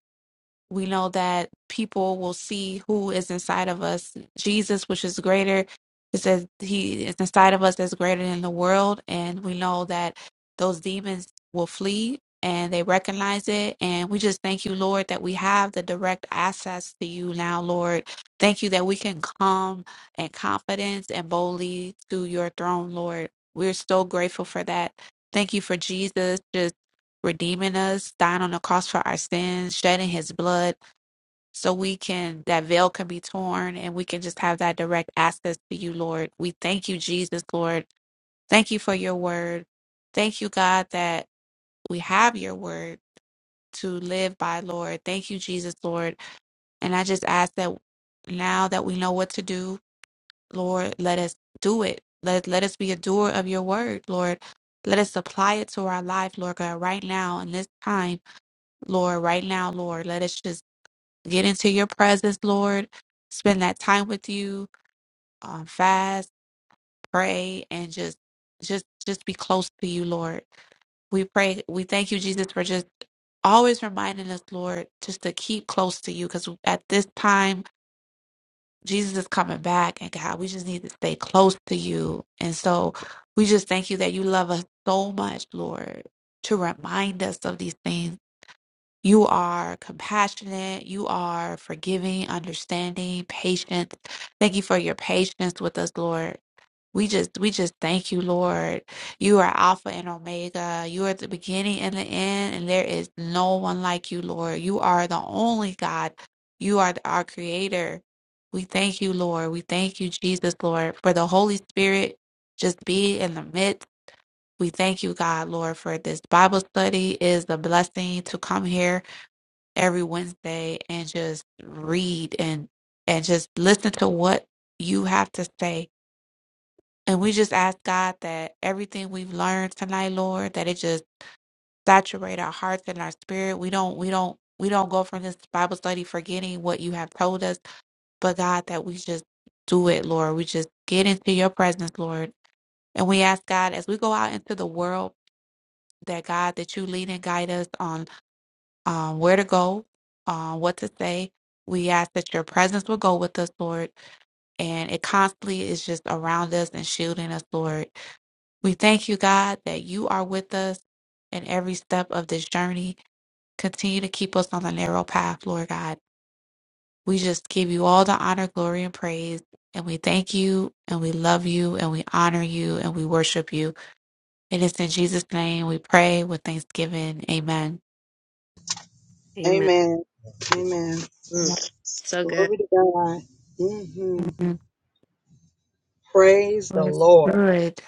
we know that people will see who is inside of us. Jesus, which is greater, it says he is inside of us that's greater than the world. And we know that those demons will flee and they recognize it. And we just thank you, Lord, that we have the direct access to you now, Lord. Thank you that we can come in confidence and boldly to your throne, Lord. We're so grateful for that. Thank you for Jesus just redeeming us, dying on the cross for our sins, shedding his blood so we can that veil can be torn and we can just have that direct access to you lord we thank you jesus lord thank you for your word thank you god that we have your word to live by lord thank you jesus lord and i just ask that now that we know what to do lord let us do it let, let us be a doer of your word lord let us apply it to our life lord god right now in this time lord right now lord let us just get into your presence, Lord. Spend that time with you, um, fast, pray, and just, just, just be close to you, Lord. We pray, we thank you, Jesus, for just always reminding us, Lord, just to keep close to you, because at this time, Jesus is coming back, and God, we just need to stay close to you. And so, we just thank you that you love us so much, Lord, to remind us of these things you are compassionate. You are forgiving, understanding, patient. Thank you for your patience with us, Lord. We just, we just thank you, Lord. You are Alpha and Omega. You are the beginning and the end, and there is no one like you, Lord. You are the only God. You are our creator. We thank you, Lord. We thank you, Jesus, Lord, for the Holy Spirit just be in the midst. We thank you, God, Lord, for this Bible study It is a blessing to come here every Wednesday and just read and and just listen to what you have to say. And we just ask God that everything we've learned tonight, Lord, that it just saturate our hearts and our spirit. We don't we don't we don't go from this Bible study forgetting what you have told us, but God that we just do it, Lord. We just get into your presence, Lord. And we ask God as we go out into the world that God that you lead and guide us on um, where to go, uh, what to say. We ask that your presence will go with us, Lord, and it constantly is just around us and shielding us, Lord. We thank you, God, that you are with us in every step of this journey. Continue to keep us on the narrow path, Lord God. We just give you all the honor, glory, and praise. And we thank you and we love you and we honor you and we worship you. It is in Jesus' name we pray with thanksgiving. Amen.
Amen.
amen amen
Mm. So good.
glory to god hmm
Amen.
praise the
Lord is
lord
good.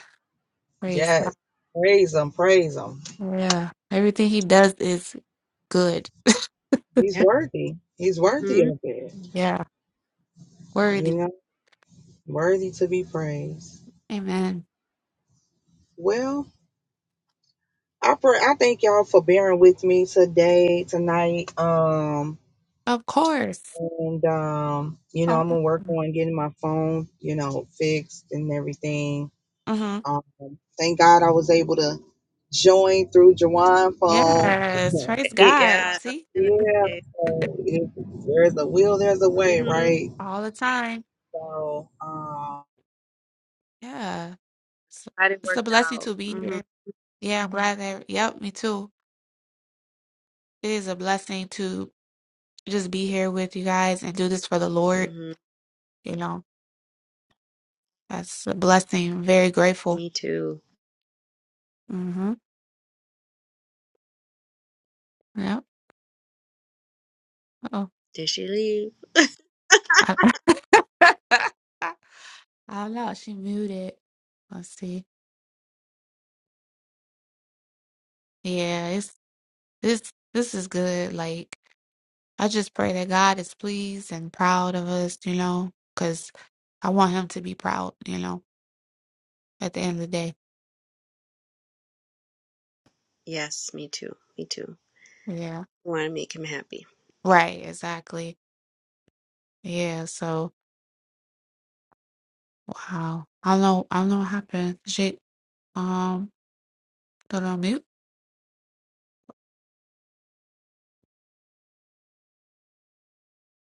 Praise
yes praise him praise him
Yeah. Everything he does is good.
He's
Yeah.
worthy. He's worthy
hmm
of it.
Yeah.
You
Worthy.
know, worthy to be praised.
Amen.
Well, I pray, I thank y'all for bearing with me today, tonight. Um,
Of course.
and um, you know,
All
I'm
the
gonna work
time.
on getting my phone, you know, fixed and everything.
Mm-hmm.
Um, thank God I was able to join through Jawan phone.
Yes. Praise God.
Yeah. I was
See?
gonna
yeah,
say.
so if there's a will, there's a way,
hmm
right?
All the time.
So, um.
Yeah. It's,
Glad it
it's a
worked
blessing
out.
to be
hmm
here. Yeah. I'm glad that. Yep. Me too. It is a blessing to just be here with you guys and do this for the Lord.
hmm
You know, that's a blessing. Very grateful.
Me too.
Mm-hmm. Yep. Oh.
Did she leave?
Oh know. she muted. Let's see. Yeah, it's this this is good. Like I just pray that God is pleased and proud of us, you know, because I want him to be proud, you know, at the end of the day.
Yes. Me too. Me too.
Yeah.
Want to make him happy.
Right, exactly. Yeah, so wow. I don't know I don't know what happened. She um go on mute,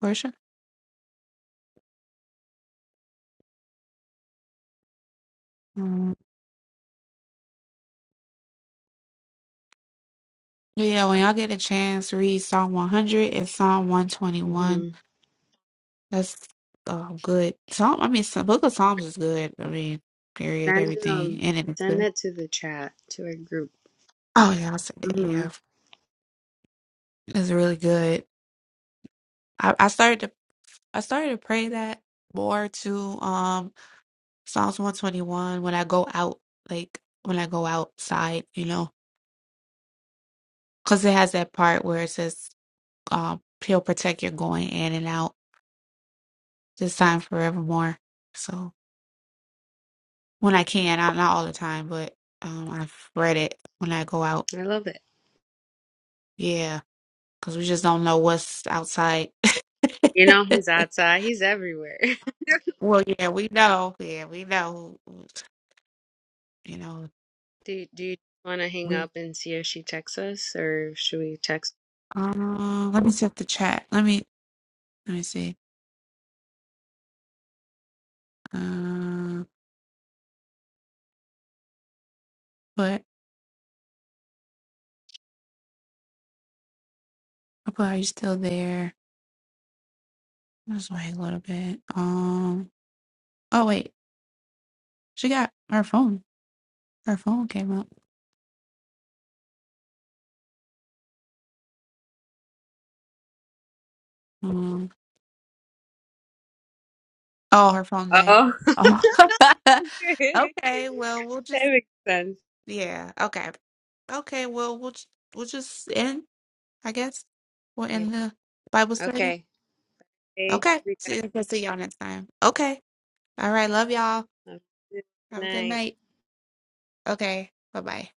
Portia. Um, yeah, when y'all get a chance, read Psalm 100 and Psalm 121.
hmm
That's um good. Psalm, I mean, some Book of Psalms is good. I mean, period,
Send
everything
um.
in it is
Send
good.
that to the chat to our group.
Oh yeah, I said that.
hmm
Yeah, it's really good. I, I started to I started to pray that more to um Psalms one twenty one when I go out, like when I go outside, you know, because it has that part where it says, um, "He'll protect your going in and out this time forevermore." So when I can, not not all the time, but um, I've read it when I go out.
I love it.
Yeah. because we just don't know what's outside.
You know, he's outside. He's everywhere.
well, yeah, we know. Yeah, we know. You know,
Do, do you want to hang
we.
up and see if she texts us, or should we text?
Uh, let me check the chat. Let me let me see. Uh, but oh, but are you still there? Let's wait a little bit. Um. Oh wait, she got her phone. Her phone came up. Um. Oh, her phone died.
Oh,
Oh.
that
okay. Well, we'll just.
makes sense.
Yeah. Okay. Okay. Well, we'll ju- we'll just end. I guess. We're
Yeah.
in the Bible study.
Okay. Hey,
Okay.
everybody. you
See,
guys.
we'll see y'all next time. Okay. All right. Love y'all.
Good
Have a good
night.
night. Okay. Bye bye.